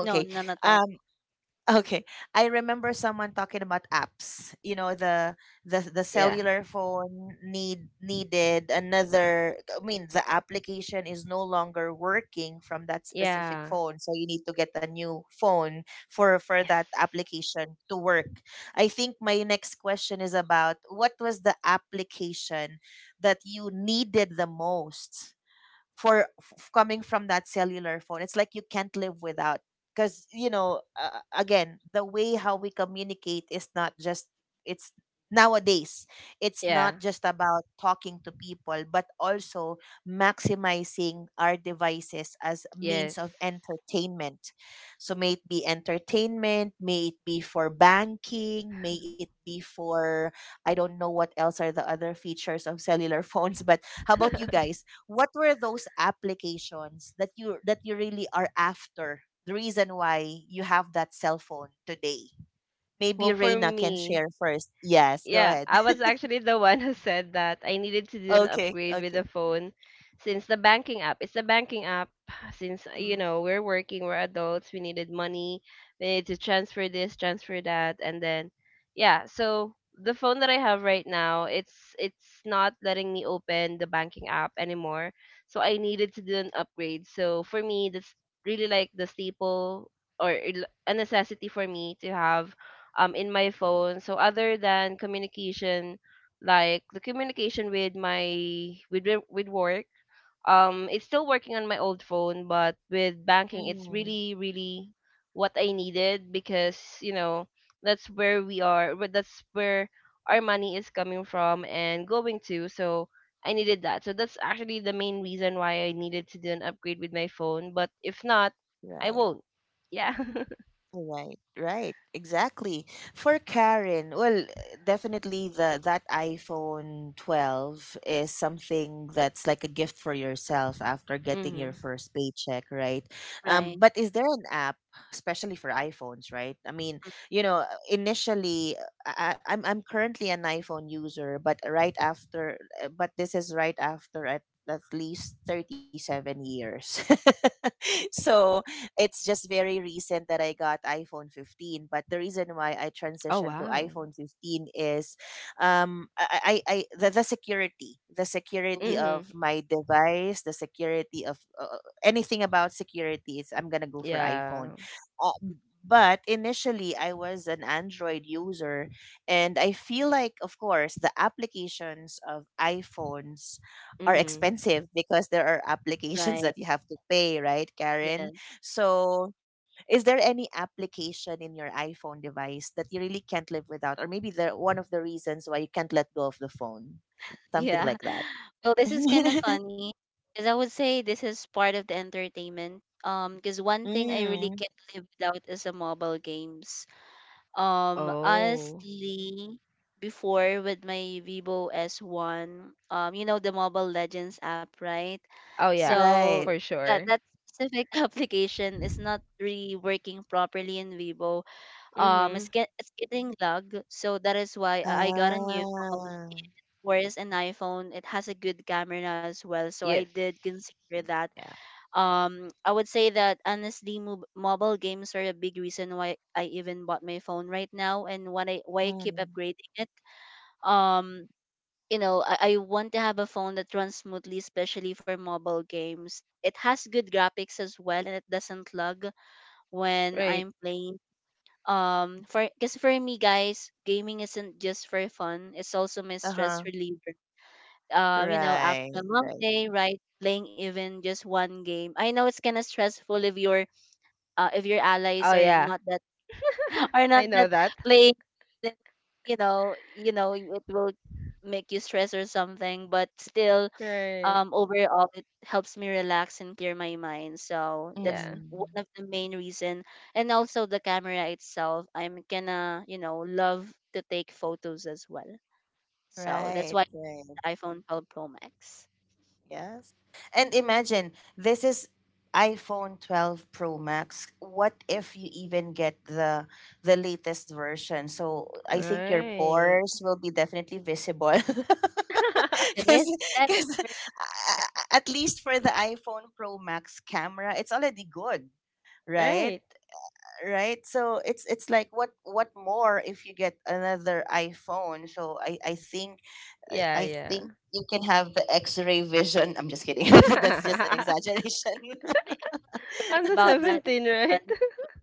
S3: No, none at all.
S1: um. Okay, I remember someone talking about apps. You know, the
S2: Yeah.
S1: cellular phone needed another. I mean, the application is no longer working from that specific
S2: Yeah.
S1: phone, so you need to get a new phone for
S2: Yes.
S1: that application to work. I think my next question is about what was the application that you needed the most coming from that cellular phone. It's like you can't live without, because you know again the way how we communicate is not just, it's nowadays it's not
S2: Yeah.
S1: just about talking to people but also maximizing our devices as means
S2: Yes.
S1: of entertainment. So may it be entertainment, may it be for banking, may it be for, I don't know what else are the other features of cellular phones. But how about you guys? What were those applications that you really are after? The reason why you have that cell phone today. Maybe
S2: Well, for
S1: Reina can
S2: me,
S1: share first. Yes, go
S2: yeah,
S1: ahead.
S2: I was actually the one who said that I needed to do an
S1: Okay,
S2: upgrade with the
S1: okay.
S2: phone, since the banking app. It's the banking app. Since, you
S3: Mm.
S2: know, we're working, we're adults, we needed money, we need to transfer this, transfer that, and then, yeah, so the phone that I have right now, it's not letting me open the banking app anymore. So I needed to do an upgrade. So for me, that's really like the staple, or a necessity for me to have in my phone. So other than communication, like the communication with my with wo- with work, it's still working on my old phone, but with banking, it's
S1: Mm,
S2: really really what I needed, because, you know, that's where we are, where- that's where our money is coming from and going to. So I needed that. So that's actually the main reason why I needed to do an upgrade with my phone. But if not, I
S1: right.
S2: won't. Yeah.
S1: Right, right, exactly. For Karen, well, definitely the that iPhone 12 is something that's like a gift for yourself after getting your
S2: Mhm.
S1: first paycheck, right?
S3: Right.
S1: But is there an app, especially for iPhones? Right? I mean,
S3: Mm.
S1: you know, initially, I'm currently an iPhone user, but right after, but this is right after at least 37 years, so it's just very recent that I got iPhone 15, but the reason why I
S2: Oh
S1: transitioned to
S2: wow.
S1: iPhone 15 is I the security
S3: Oh,
S1: of
S2: Mhm.
S1: my device, the security of anything about security is, I'm going to go for iPhone.
S2: Yeah.
S1: Uh, but initially I was an Android user, and I feel like of course the applications of iPhones are
S2: Mhm.
S1: expensive, because there are applications
S3: right.
S1: that you have to pay, right, Karen?
S3: Yes.
S1: So, is there any application in your iPhone device that you really can't live without, or maybe the one of the reasons why you can't let go of the phone, something
S3: Yeah.
S1: like that?
S3: Well, this is kind of funny because I would say this is part of the entertainment. Because one thing I really
S1: Mm,
S3: can't live without is the mobile games.
S2: Oh.
S3: Honestly, before with my Vivo S1, you know the Mobile Legends app, right?
S2: Oh yeah,
S3: So
S1: right.
S2: for
S3: that
S2: sure.
S3: that specific application is not really working properly in Vivo. It's
S2: Mhm.
S3: get it's getting lag, so that is why I got a new phone
S1: Ah,
S3: course an iPhone. It has a good camera as well, so I
S2: Yes.
S3: did consider that.
S1: yeah.
S3: I would say that honestly mobile games are a big reason why I even bought my phone right now, and when I why I keep
S1: Mm,
S3: upgrading it. um you know, I want to have a phone that runs smoothly, especially for mobile games. It has good graphics as well, and it doesn't lag when
S2: Right.
S3: I'm playing. For Because for me guys, gaming isn't just for fun, it's also my
S1: uh
S3: stress
S1: huh.
S3: reliever. You know, after
S1: Right.
S3: a long
S1: Right.
S3: day, right? Playing even just one game. I know it's kind of stressful if your allies
S2: Oh
S3: are
S2: yeah.
S3: not that are not
S2: I know
S3: that
S2: that.
S3: playing. Then you know, it will make you stress or something. But still,
S2: Right.
S3: overall, it helps me relax and clear my mind. So that's
S2: Yeah.
S3: one
S1: Mm,
S3: of the main reason. And also the camera itself. I'm gonna, love to take photos as well. So that's
S1: right.
S3: why
S1: Right.
S3: iPhone 12 Pro Max.
S1: Yes. And imagine this is iPhone 12 Pro Max. What if you even get the latest version? So I think your
S2: Right.
S1: pores will be definitely visible.
S3: It is. That's
S1: Because
S3: very fair.
S1: at least for the iPhone Pro Max camera, it's already good, right?
S2: Right.
S1: Right? So it's like what more if you get another iPhone? So I think
S2: Yeah,
S1: I
S2: yeah.
S1: think you can have the X-ray vision. I'm just kidding. That's just an exaggeration.
S3: I think you're correct
S2: On the
S3: about that.
S2: 17, right?
S3: But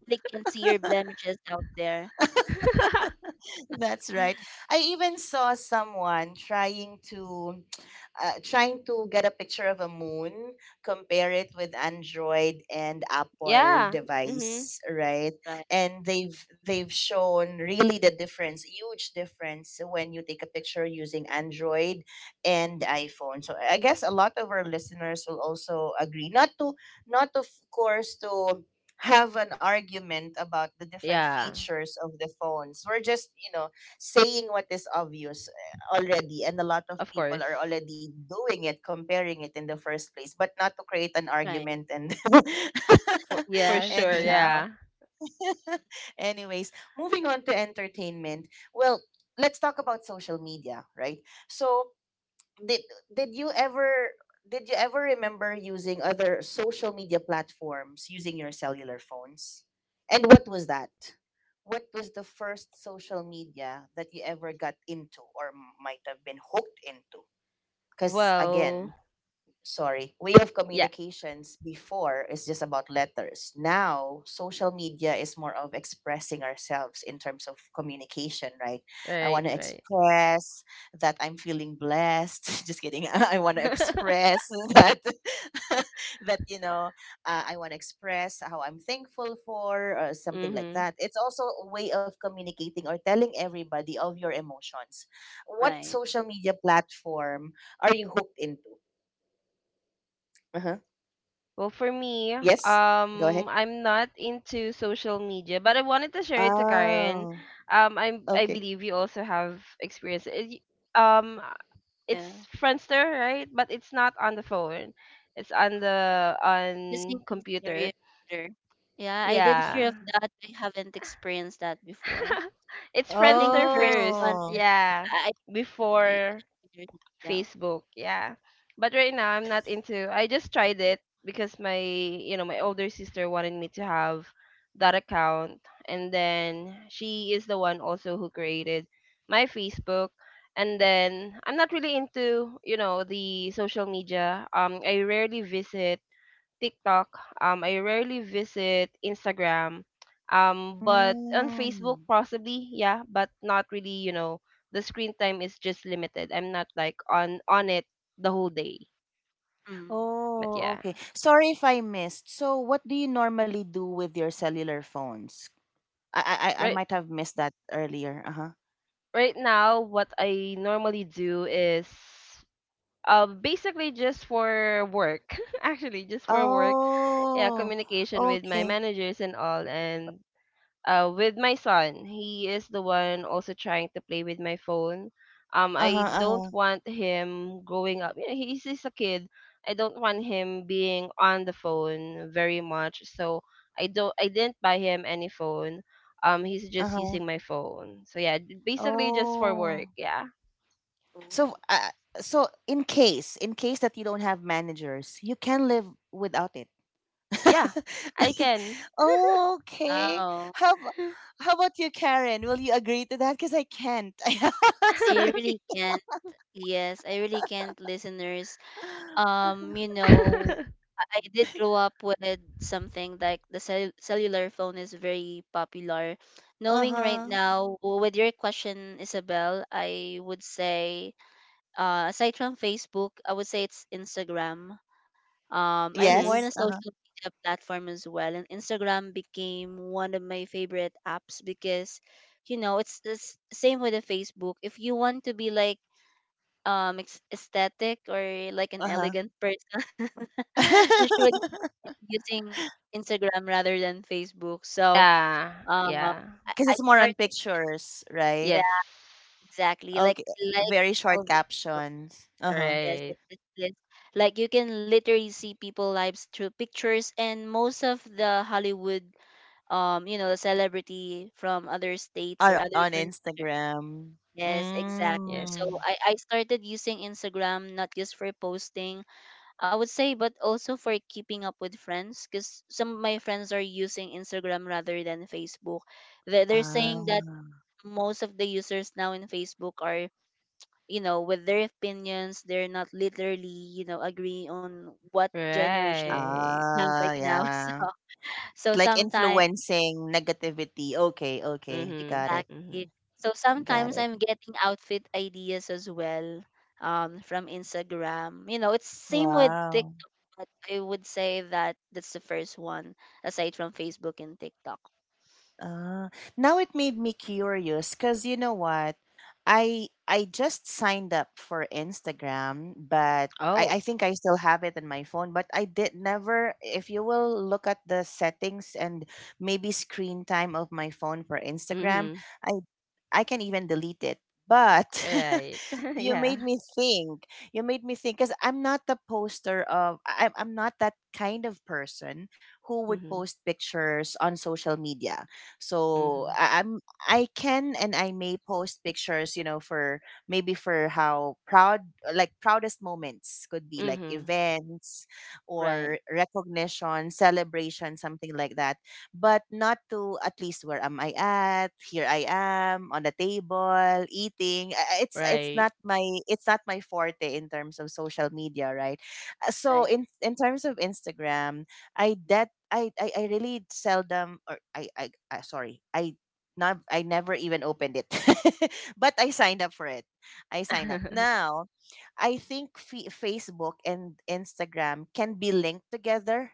S3: they can see your blemishes out there.
S1: That's right. I even saw someone trying to trying to get a picture of a moon, compare it with Android and Apple
S2: Yeah. Mhm.
S1: device, right?
S3: Right,
S1: And they've shown really the difference, huge difference, when you take a picture using Android and iPhone. So I guess a lot of our listeners will also agree. Not to, not of course to have an argument about the different
S2: Yeah.
S1: features of the phones. We're just, you know, saying what is obvious already, and a lot of
S2: Of
S1: people
S2: course.
S1: are already doing it, comparing it in the first place, but not to create an
S3: right.
S1: argument. And
S2: For
S3: Yes,
S2: sure,
S1: anyhow,
S2: yeah.
S1: anyways, moving on to entertainment. Well, let's talk about social media, right? So did did you ever did you ever remember using other social media platforms using your cellular phones? And what was that? What was the first social media that you ever got into or might have been hooked into? Because
S2: Well,
S1: again, sorry, way of
S2: yeah.
S1: communications before is just about letters. Now, social media is more of expressing ourselves in terms of communication, right? I
S2: Right,
S1: want to
S2: right.
S1: express that I'm feeling blessed. Just kidding. I want to express that that you know I want to express how I'm thankful for, or something like
S2: Mhm.
S1: that. It's also a way of communicating or telling everybody of your emotions. What
S3: right.
S1: social media platform are you hooked into? Uh-huh.
S2: Well, for me,
S1: Yes, go ahead.
S2: I'm not into social media, but I wanted to share it to Karen.
S1: Oh,
S2: I
S1: okay.
S2: believe you also have experience. Um,
S3: Yeah.
S2: it's Friendster, right? But it's not on the phone. It's on the
S3: Using
S2: on
S3: easier
S2: computer.
S3: better. Yeah, I did hear of
S2: Yeah,
S3: that. I haven't experienced that before.
S2: it's
S3: I think the
S2: Friendster
S3: first
S2: first.
S3: one
S1: Oh.
S3: that
S2: Yeah,
S3: I
S2: before.
S3: yeah.
S2: Facebook. Yeah. But right now I'm not into, I just tried it because my, you know, my older sister wanted me to have that account, and then she is the one also who created my Facebook. And then I'm not really into, you know, the social media. I rarely visit TikTok. I rarely visit Instagram. But on Facebook,
S1: Mm.
S2: possibly, yeah, but not really. You know, the screen time is just limited. I'm not like on it the whole day.
S3: Mm.
S2: But
S1: Oh,
S2: yeah,
S1: okay. Sorry if I missed. So, what do you normally do with your cellular phones? I
S2: right
S1: might have missed that earlier. Uh-huh.
S2: right now, what I normally do is basically just for work. Actually, just for work, yeah,
S1: Oh.
S2: communication with my
S1: Okay.
S2: managers and all, and with my son. He is the one also trying to play with my phone.
S1: Uh-huh,
S2: I don't
S1: uh-huh.
S2: want him growing up. He's a kid. I don't want him being on the phone very much. So I don't. I didn't buy him any phone. He's just
S1: Uh-huh.
S2: using my phone. So yeah, basically just for
S1: Oh.
S2: work. Yeah,
S1: So,
S3: Oh,
S1: so in case that you don't have managers, you can live without it.
S2: yeah, I can.
S1: Okay.
S3: wow.
S1: How ab- how about you, Karen? Will you agree to that? Because I can't.
S3: I
S1: Sorry.
S3: really can't. Yes, I really can't, listeners. um you know i I did grow up with something like the cellular phone is very popular
S1: Uh
S3: knowing right
S1: huh.
S3: now with your question, Isabel. I would say aside from Facebook, I would say it's Instagram. I'm more in a
S2: Mhm.
S1: Yes. Uh huh.
S3: social media platform as well, and Instagram became one of my favorite apps because you know it's same with the Facebook. If you want to be like aesthetic or like an
S1: Uh huh.
S3: elegant person usually using Instagram rather than Facebook. So
S2: Yeah.
S3: um
S2: Yeah.
S1: Because
S3: I
S1: it's more
S3: started
S1: on pictures, right?
S3: yeah,
S2: Yes.
S3: exactly. Like
S1: Okay.
S3: I like
S1: Very
S3: how
S1: short
S3: visual,
S1: captions. Uh huh.
S3: yes
S2: Right.
S3: it, it is. Like you can literally see people lives through pictures and most of the Hollywood, you know, the celebrity from other states
S1: Are
S3: or
S1: on
S3: other countries.
S1: Instagram.
S3: Yes, exactly.
S2: Yes.
S1: Mm.
S3: So I started using Instagram not just for posting, I would say, but also for keeping up with friends, because some of my friends are using Instagram rather than Facebook. They they're saying that
S1: Ah.
S3: most of the users now in Facebook are, you know, with their opinions, they're not literally, you know, agree on what generations
S2: Right.
S3: have
S1: Ah.
S3: right now.
S1: Yeah.
S3: So, so
S1: Like
S3: sometimes
S1: influencing negativity. Okay. Okay.
S2: Mm-hmm.
S1: Got it.
S2: Mm-hmm.
S3: exactly. So
S1: Got
S3: sometimes
S1: it.
S3: I'm getting outfit ideas as well from Instagram. You know, it's same with
S1: Wow.
S3: TikTok, but I would say that that's the first one aside from Facebook and TikTok.
S1: Ah, now it made me curious, because you know what? I just signed up for Instagram, but I,
S2: Oh.
S1: I think I still have it in my phone, but I did never if you will look at the settings and maybe screen time of my phone for Instagram,
S2: Mm-hmm.
S1: I I can even delete it. But
S2: Right.
S1: you
S2: Yeah.
S1: made me think. You made me think because I'm not the poster of. I'm not that kind of person who would
S2: Mm-hmm.
S1: post pictures on social media. So
S2: Mm-hmm.
S1: I'm. I can and I may post pictures. You know, for maybe for how proud, like proudest moments could be like
S2: Mm-hmm.
S1: events
S3: Right,
S1: or recognition, celebration, something like that, but not to at least where am I at? Here I am on the table eating. It's
S2: Right.
S1: not my, it's not my forte in terms of social media, right? So
S3: right,
S1: in terms of Instagram, I that I really seldom or I sorry I. Not, I never even opened it, but I signed up for it. I signed up now. I think fe Facebook and Instagram can be linked together,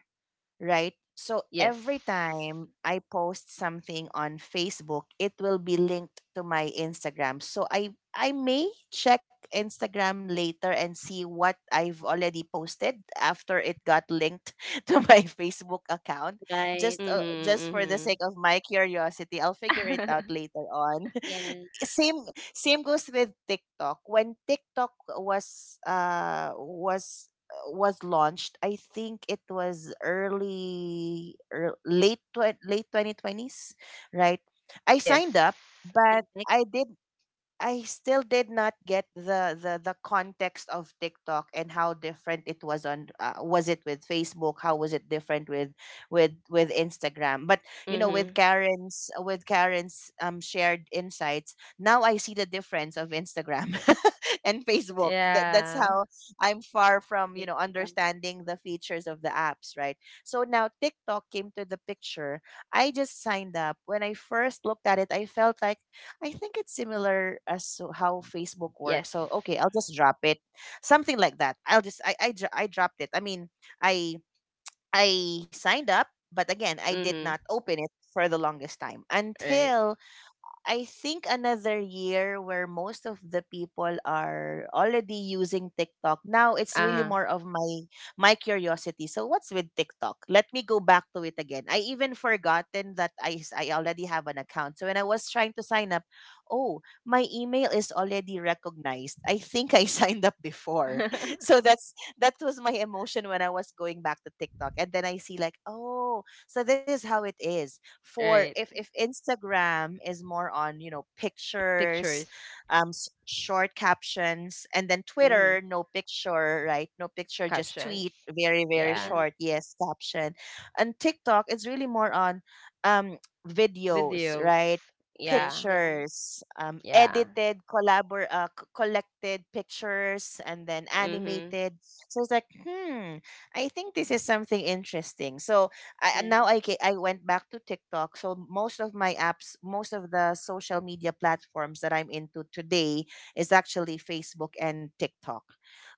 S1: right? So
S2: Yes.
S1: every time I post something on Facebook, it will be linked to my Instagram. So I may check Instagram later and see what I've already posted after it got linked to my Facebook account.
S3: right. Mhm.
S1: Just for the
S2: Mm-hmm.
S1: sake of my curiosity, I'll figure it
S2: Mm-hmm.
S1: out later on.
S3: Yeah,
S1: Same same goes with TikTok. When TikTok was was launched, I think it was early, ear- late twen- late 2020s, right? I signed
S2: Yes.
S1: up, but
S3: and like,
S1: I did I still did not get the context of TikTok and how different it was on was it with Facebook, how was it different with Instagram, but you know
S2: Mm-hmm.
S1: with Karen's shared insights, now I see the difference of Instagram and Facebook. That, that's
S2: Yeah.
S1: how I'm far from you
S3: yeah,
S1: know understanding the features of the apps, right? So now TikTok came to the picture. I just signed up. When I first looked at it, I felt like I think it's similar as to how Facebook
S2: Yes.
S1: works. So okay, I'll just drop it, something like that. I'll just I dropped it. I mean, I I signed up, but again, I did
S2: Mm-hmm.
S1: not open it for the longest time
S2: Right.
S1: until I think another year where most of the people are already using TikTok. Now it's really
S2: Uh-huh.
S1: more of my my curiosity. So what's with TikTok? Let me go back to it again. I even forgotten that I already have an account. So when I was trying to sign up, oh, my email is already recognized. I think I signed up before. So that's that was my emotion when I was going back to TikTok. And then I see like, oh, so this is how it is. For
S2: Right.
S1: if Instagram is more on you know pictures,
S2: Pictures.
S1: short captions, and then
S2: Mm-hmm.
S1: Twitter no picture, right? No picture, just tweet,
S2: Captions.
S1: very very
S3: yeah,
S2: Yeah.
S1: short, yes caption, and TikTok it's really more on um videos, right?
S2: Videos.
S3: this,
S2: Yeah.
S3: yeah,
S1: Pictures,
S2: Yeah.
S1: edited, collected pictures and then
S2: Mm-hmm.
S1: animated. So it's like hmm, I think this is something interesting. So I
S3: yeah,
S1: and now I went back to TikTok. So most of my apps, most of the social media platforms that I'm into today is actually Facebook and TikTok.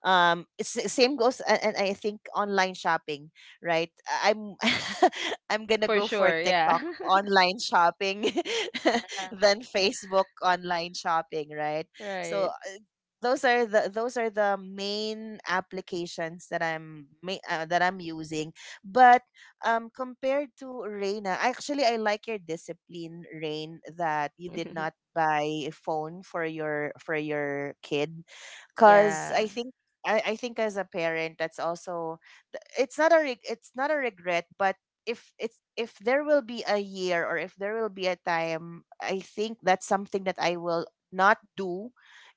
S1: It's, the same goes, and I think online shopping, right? I'm I'm gonna
S2: For
S1: go for
S2: sure,
S1: TikTok
S2: yeah.
S1: online shopping
S3: yeah,
S1: than Facebook online shopping, right? So
S2: Right.
S1: those are the main applications that that I'm using. But compared to Reina, actually I like your discipline, Rain, that you did not buy a phone for your kid, because
S2: Yeah.
S1: I think. I think as a parent that's also it's not a regret, but if it's if there will be a year or if there will be a time, I think that's something that I will not do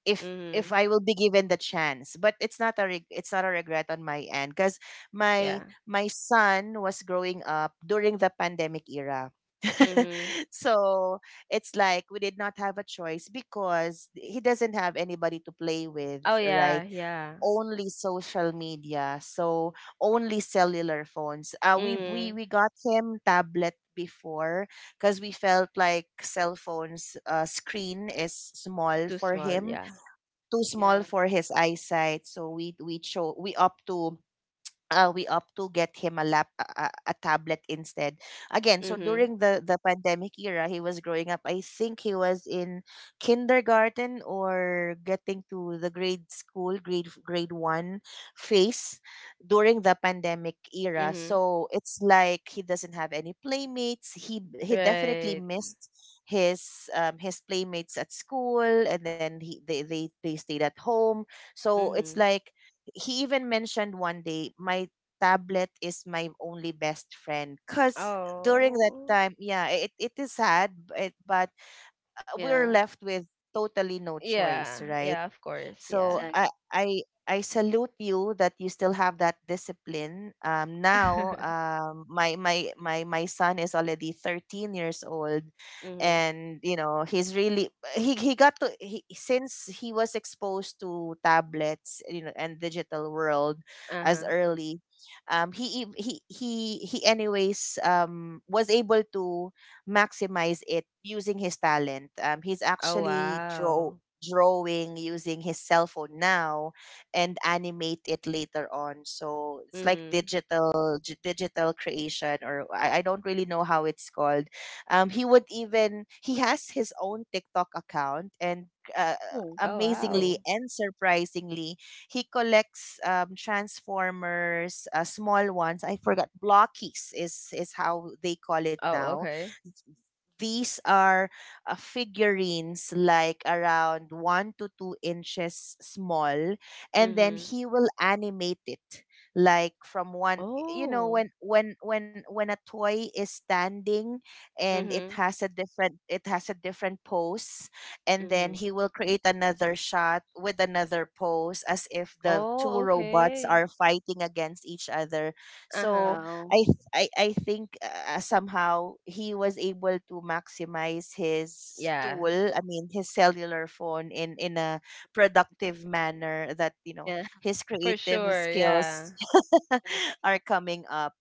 S1: if
S2: Mhm.
S1: I will be given the chance. But it's not a regret on my end because my
S2: Yeah.
S1: my son was growing up during the pandemic era.
S2: Mhm.
S1: So it's like we did not have a choice because he doesn't have anybody to play with,
S2: Oh yeah,
S1: right?
S2: yeah.
S1: Only social media, so only cellular phones. We we
S2: Mhm.
S1: we got him tablet before because we felt like cell phones screen is small
S2: Too
S1: for
S2: small,
S1: him,
S2: yeah.
S1: too small
S3: yeah,
S1: for his eyesight, so we opt to get him a lap a tablet instead. Again, so
S2: Mhm.
S1: during the pandemic era he was growing up, I think he was in kindergarten or getting to the grade school grade f- grade 1 phase during the pandemic era.
S2: Mhm.
S1: So it's like he doesn't have any playmates, he definitely
S2: Right.
S1: missed his playmates at school, and then he they stayed at home. So it's
S2: Mhm.
S1: like he even mentioned one day, my tablet is my only best friend, because during that
S2: Oh.
S1: time, yeah, it is sad but we're
S3: yeah.
S1: left with totally no choice,
S2: Yeah.
S1: right?
S2: Yeah, of course, yeah.
S1: So
S3: Exactly.
S1: I salute you that you still have that discipline. Now, my son is already 13 years old,
S2: Mhm.
S1: and you know he's really he got to he, since he was exposed to tablets, you know, and digital world as
S2: Uh-huh.
S1: early. He ev- he anyways was able to maximize it using his talent. He's
S2: Oh
S1: actually draw
S2: wow.
S1: Drawing using his cell phone now and animate it later on, so it's like
S2: Mhm.
S1: digital creation, or I don't really know how it's called. He would even he has his own TikTok account, and uh,
S3: Oh,
S2: Oh
S1: amazingly
S2: wow.
S1: and surprisingly he collects transformers, small ones, I forgot, blockies is how they call it
S2: Oh,
S1: now.
S2: okay.
S1: These are figurines like around 1 to 2 inches small, and then
S2: Mhm.
S1: he will animate it like from one, you know,
S2: Oh.
S1: when a toy is standing and it
S2: Mhm.
S1: has a different, it has a different pose, and then
S2: Mhm.
S1: he will create another shot with another pose as if the two
S2: Oh,
S1: robots
S2: okay.
S1: are fighting against each other.
S2: Uh-huh.
S1: So
S3: wow.
S1: i I think somehow he was able to maximize his
S2: Yeah.
S1: tool. I mean, his cellular phone in a productive manner, that you know
S3: Yeah,
S1: his
S2: For
S1: creative
S2: sure, yeah.
S1: skills
S3: that's
S1: are coming up.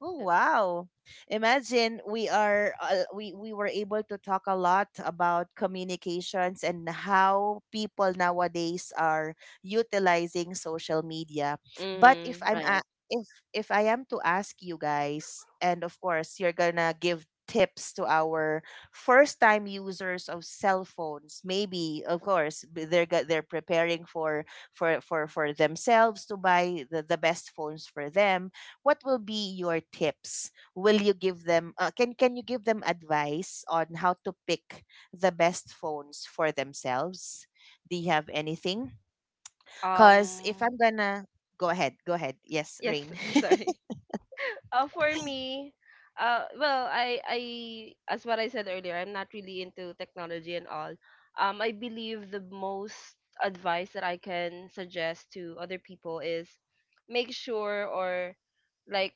S1: Oh wow. Imagine, we are we were able to talk a lot about communications and how people nowadays are utilizing social media. But
S2: Mm-hmm.
S3: Right.
S1: if I am to ask you guys, and of course you're going to give tips to our first time users of cell phones, maybe of course they're preparing for themselves to buy the best phones for them, what will be your tips? Will you give them can you give them advice on how to pick the best phones for themselves? Do you have anything? Cuz if
S2: um
S1: I'm going to go ahead, go ahead. Yes,
S2: yes,
S1: Rain.
S2: I'm sorry. For me, well, I, as what I said earlier, I'm not really into technology and all. I believe the most advice that I can suggest to other people is, make sure, or like,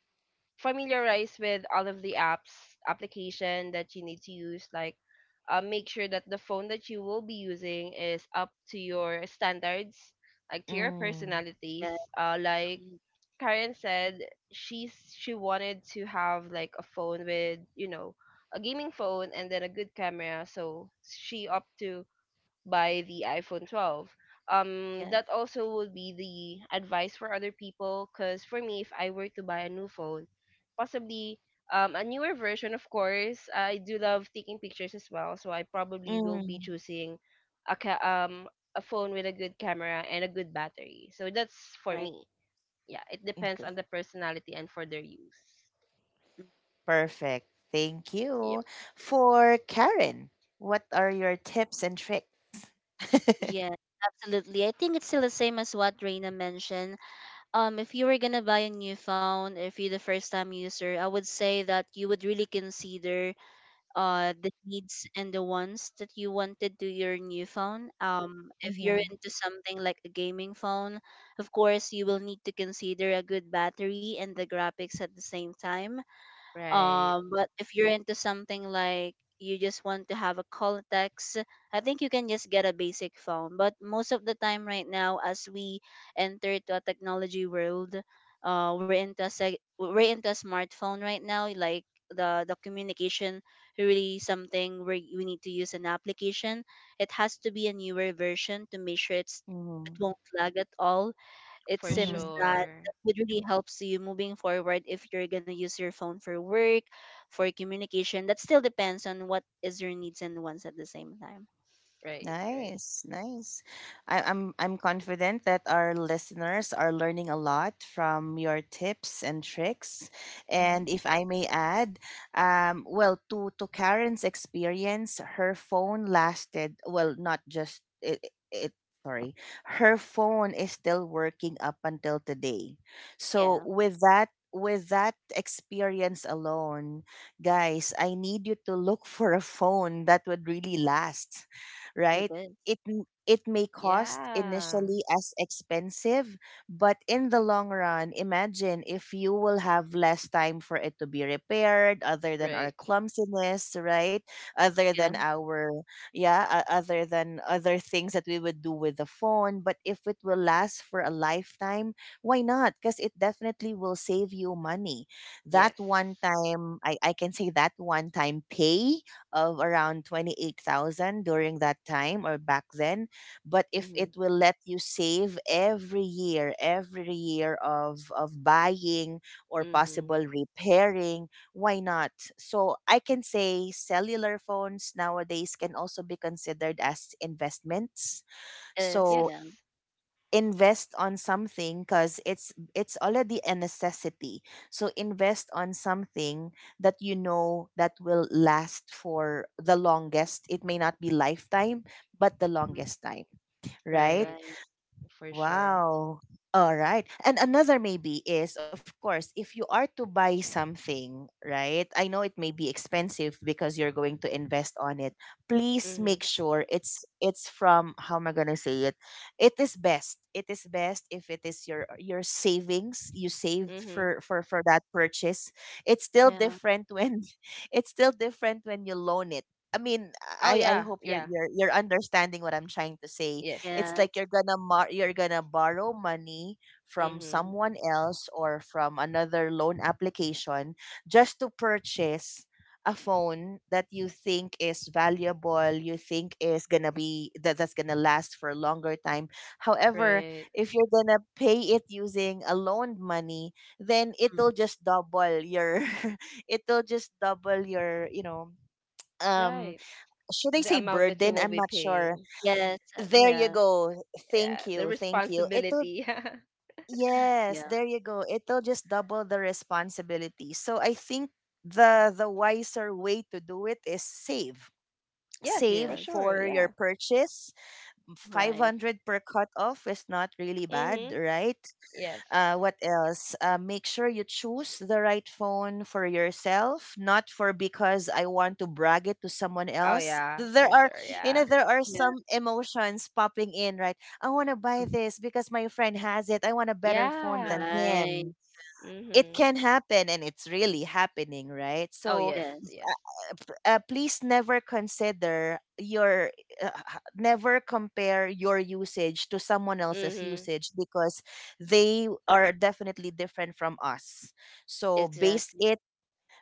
S2: familiarize with all of the apps application that you need to use, like, make sure that the phone that you will be using is up to your standards, like to your
S1: Mm,
S2: personalities.
S3: Yeah,
S2: Like
S3: mhm,
S2: Karen said, she wanted to have like a phone with, a gaming phone and then a good camera, so she opted to by the iPhone 12.
S3: yes,
S2: That also would be the advice for other people. Cause for me, if I were to buy a new phone, possibly a newer version, of course. I do love taking pictures as well, so I probably will be
S1: mm,
S2: choosing a ca- um a phone with a good camera and a good battery. So that's for
S3: right.
S2: me. Yeah, it depends
S1: okay.
S2: on the personality and for their use.
S1: Perfect. Thank
S2: Yep.
S1: you. For Karen, what are your tips and tricks?
S3: Yes, absolutely. I think it's still the same as what Reina mentioned. If you were gonna buy a new phone, if you're the first time user, I would say that you would really consider the needs and the wants that you wanted to your new phone. If you're
S1: Mm-hmm,
S3: into something like a gaming phone, of course you will need to consider a good battery and the graphics at the same time.
S2: Right.
S3: But if you're into something like you just want to have a context, I think you can just get a basic phone. But most of the time right now, as we enter to a technology world, we're into a we're into a smartphone right now. Like the communication really something where we need to use an application. It has to be a newer version to make sure it's it won't lag at all, it
S2: For
S3: seems
S1: mm-hmm.
S3: that
S2: sure.
S3: it really helps you moving forward if you're going to use your phone for work, for communication. That still depends on what is your needs and wants at the same time.
S2: Right. Right.
S1: Nice, nice. I'm confident that our listeners are learning a lot from your tips and tricks.
S3: Hmm,
S1: And if I may add, well, to Karen's experience, her phone lasted well, not just it, it sorry, her phone is still working up until today. So
S3: yeah,
S1: with that. With that experience alone, guys, I need you to look for a phone that would really last,
S3: it
S1: right?
S3: is,
S1: It may cost
S2: Yeah.
S1: initially as expensive, but in the long run, imagine if you will have less time for it to be repaired, other than our
S2: Right.
S1: clumsiness, right? Other
S3: yeah,
S1: than our, yeah, other than other things that we would do with the phone. But if it will last for a lifetime, why not? Because it definitely will save you money. That
S2: Yes.
S1: one time I can say that one time pay of around 28,000 during that time or back then. But if it
S2: Mhm.
S1: will let you save every year of buying or
S2: Mhm.
S1: possible repairing, why not? So I can say cellular phones nowadays can also be considered as investments.
S3: it is,
S1: So
S3: yeah.
S2: Yes.
S1: invest on something because it's already a necessity, so invest on something that you know that will last for the longest. It may not be lifetime, but the
S3: Mhm.
S1: longest time, right?
S2: Right.
S3: Right,
S2: For sure.
S1: Wow. All right. And another maybe is, of course, if you are to buy something, right? I know it may be expensive because you're going to invest on it. Please make
S2: Mhm.
S1: sure it's from, how am I gonna say it? It is best. It is best if it is your savings you saved
S2: Mhm.
S1: for that purchase. It's still
S3: yeah.
S1: different when it's still different when you loan it. I mean,
S2: Oh
S1: I
S2: yeah.
S1: hope you're
S2: Yeah.
S1: you're you're understanding what I'm trying to say.
S2: Yes.
S1: It's like
S3: Yes.
S1: you're gonna you're gonna borrow money from
S2: Mhm.
S3: Mhm.
S1: someone else or from another loan application just to purchase a phone that you think is valuable, you think is gonna be that's gonna last for a longer time. However,
S2: Right.
S1: if you're gonna pay it using a loan money, then
S3: Mhm.
S1: it'll just double your it'll just double your um
S2: Right.
S1: should I
S2: The
S1: say
S2: amount that you
S1: burden?
S2: will
S1: I'm
S2: be
S1: not sure.
S2: paying.
S3: Yes,
S1: There you
S3: yeah,
S1: go.
S2: Yeah.
S1: Thank
S2: The
S1: you. Thank you. It'll,
S2: responsibility.
S1: yes,
S3: yeah,
S1: there you go. It'll just double the responsibility. So I think the wiser way to do it is save.
S2: Yes. For
S1: Save
S3: yes,
S2: sure.
S1: for your
S2: Yeah.
S1: purchase.
S3: right,
S1: 500 per cut off is not really bad,
S2: Mhm.
S1: right?
S2: Yes.
S1: What else? Make sure you choose the right phone for yourself, not for because I want to brag it to someone
S2: Oh
S1: else.
S2: yeah.
S1: There
S2: For
S1: are,
S2: sure. Yeah.
S1: there are
S3: yeah.
S1: some emotions popping in, right? I want to buy
S3: Mhm.
S1: this because my friend has it. I want a better phone than
S2: Yeah.
S3: Right,
S1: him. It
S2: Mhm.
S1: can happen, and it's really happening, right?
S2: Oh
S1: So
S2: yes.
S3: yes,
S2: Yes.
S1: please never consider your never compare your usage to someone else's
S2: Mhm.
S1: usage because they are definitely different from us, so base
S3: exactly,
S1: it.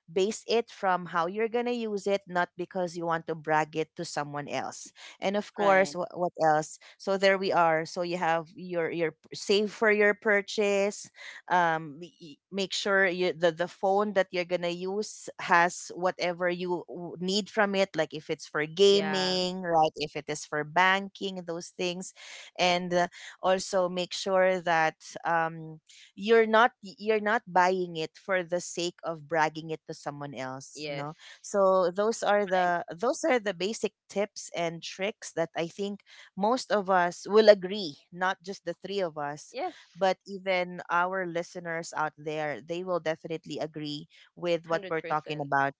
S1: Base it from how you're going to use it, not because you want to brag it to someone else. And of course,
S3: right,
S1: what else? So there we are. So you have your save for your purchase. Make sure you, the phone that you're gonna use has whatever you need from it. Like if it's for
S2: Yeah.
S1: gaming, right? If it is for banking, those things, and also make sure that you're not buying it for the sake of bragging it to someone else.
S2: Yes.
S1: No, so those are the,
S3: right,
S1: those are the basic tips and tricks that I think most of us will agree, not just the three of us,
S2: Yes.
S1: but even our listeners out there, they will definitely agree with what
S2: Hundred
S1: we're talking
S2: percent.
S1: about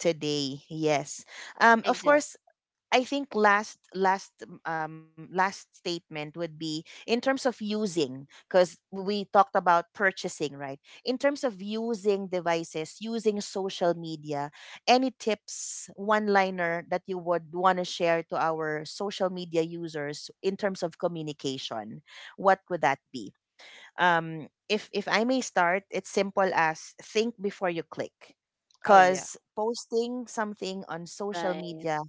S1: today. Yes. Of
S3: exactly,
S1: course, I think last statement would be in terms of using, because we talked about purchasing, right? In terms of using devices, using social media, any tips, one liner that you would want to share to our social media users in terms of communication, what would that be? If I may start, it's simple as think before you click,
S2: Oh yeah.
S1: because posting something on social
S3: right.
S1: media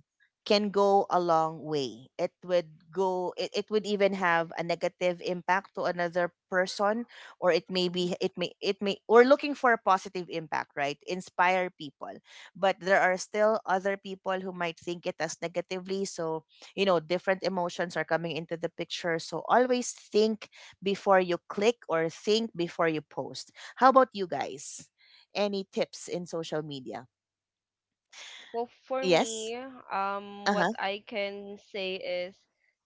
S1: can go a long way. It would go. It would even have a negative impact to another person, or it may
S3: Mhm.
S1: be. It may. It may. We're looking for a positive impact, right? Inspire people, but there are still other people who might think it as negatively. So you know, different emotions are coming into the picture, so always think before you click or think before you post. How about you guys? Any tips in social media?
S2: Well, for
S1: Yes.
S2: me,
S1: Uh
S2: what
S1: huh.
S2: I can say is,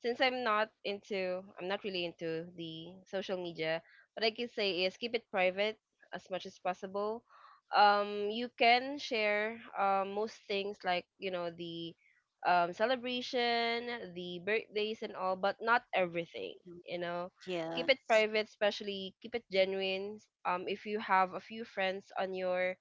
S2: since I'm not really into the social media, what I can say is keep it private as much as possible. You can share most things like, the celebration, the birthdays, and all, but not everything,
S3: Mhm.
S2: you know. Keep it
S3: Yes.
S2: private, especially keep it genuine. If you have a few friends on your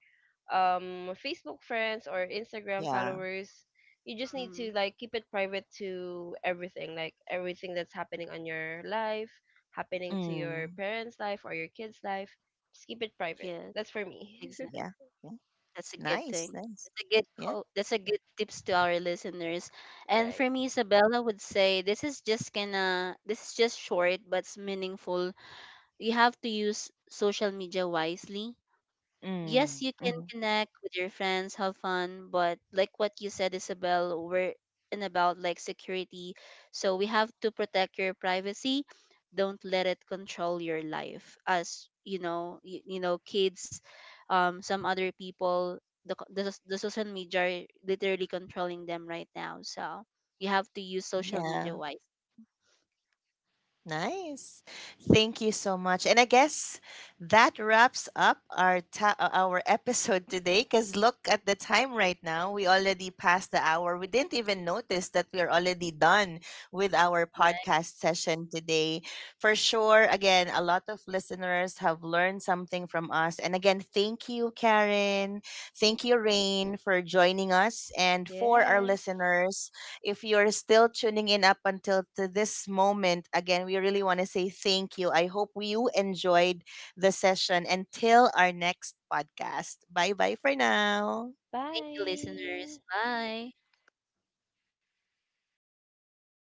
S2: Facebook friends or Instagram
S1: Yeah.
S2: followers. You just need
S3: Mhm.
S2: to like keep it private to everything, like everything that's happening on your life, happening to your
S1: Mm.
S2: parents' life or your kids' life. Just keep it private.
S3: Yes.
S2: That's for me.
S3: Exactly.
S1: Yeah. Yeah.
S3: That's a good
S1: Nice.
S3: thing.
S1: Nice.
S3: That's a good
S1: Yeah.
S3: quote. That's a good tips to our listeners. And
S2: Right.
S3: for me, Isabella would say this is just gonna this is just short but it's meaningful. You have to use social media wisely. Yes, you
S1: Mm.
S3: can
S1: hmm
S3: connect with your friends, have fun, but like what you said, Isabel, we're in about like security. So we have to protect your privacy. Don't let it control your life. As you know, you know, kids, some other people, the the, the social media are literally controlling them right now. So you have to use
S1: Yeah.
S3: social media wise.
S1: Nice. Thank you so much. And I guess that wraps up our our episode today, cuz look at the time right now. We already passed the hour. We didn't even notice that we are already done with our
S3: Right.
S1: podcast session today. For sure, again, a lot of listeners have learned something from us. And again, thank you Karen. Thank you Rain for joining us, and for our
S2: Yes.
S1: listeners, if you're still tuning in up until to this moment, again, we really want to say thank you. I hope you enjoyed the session until our next podcast. Bye-bye for now.
S3: Thank you,
S2: Bye.
S3: listeners. Bye.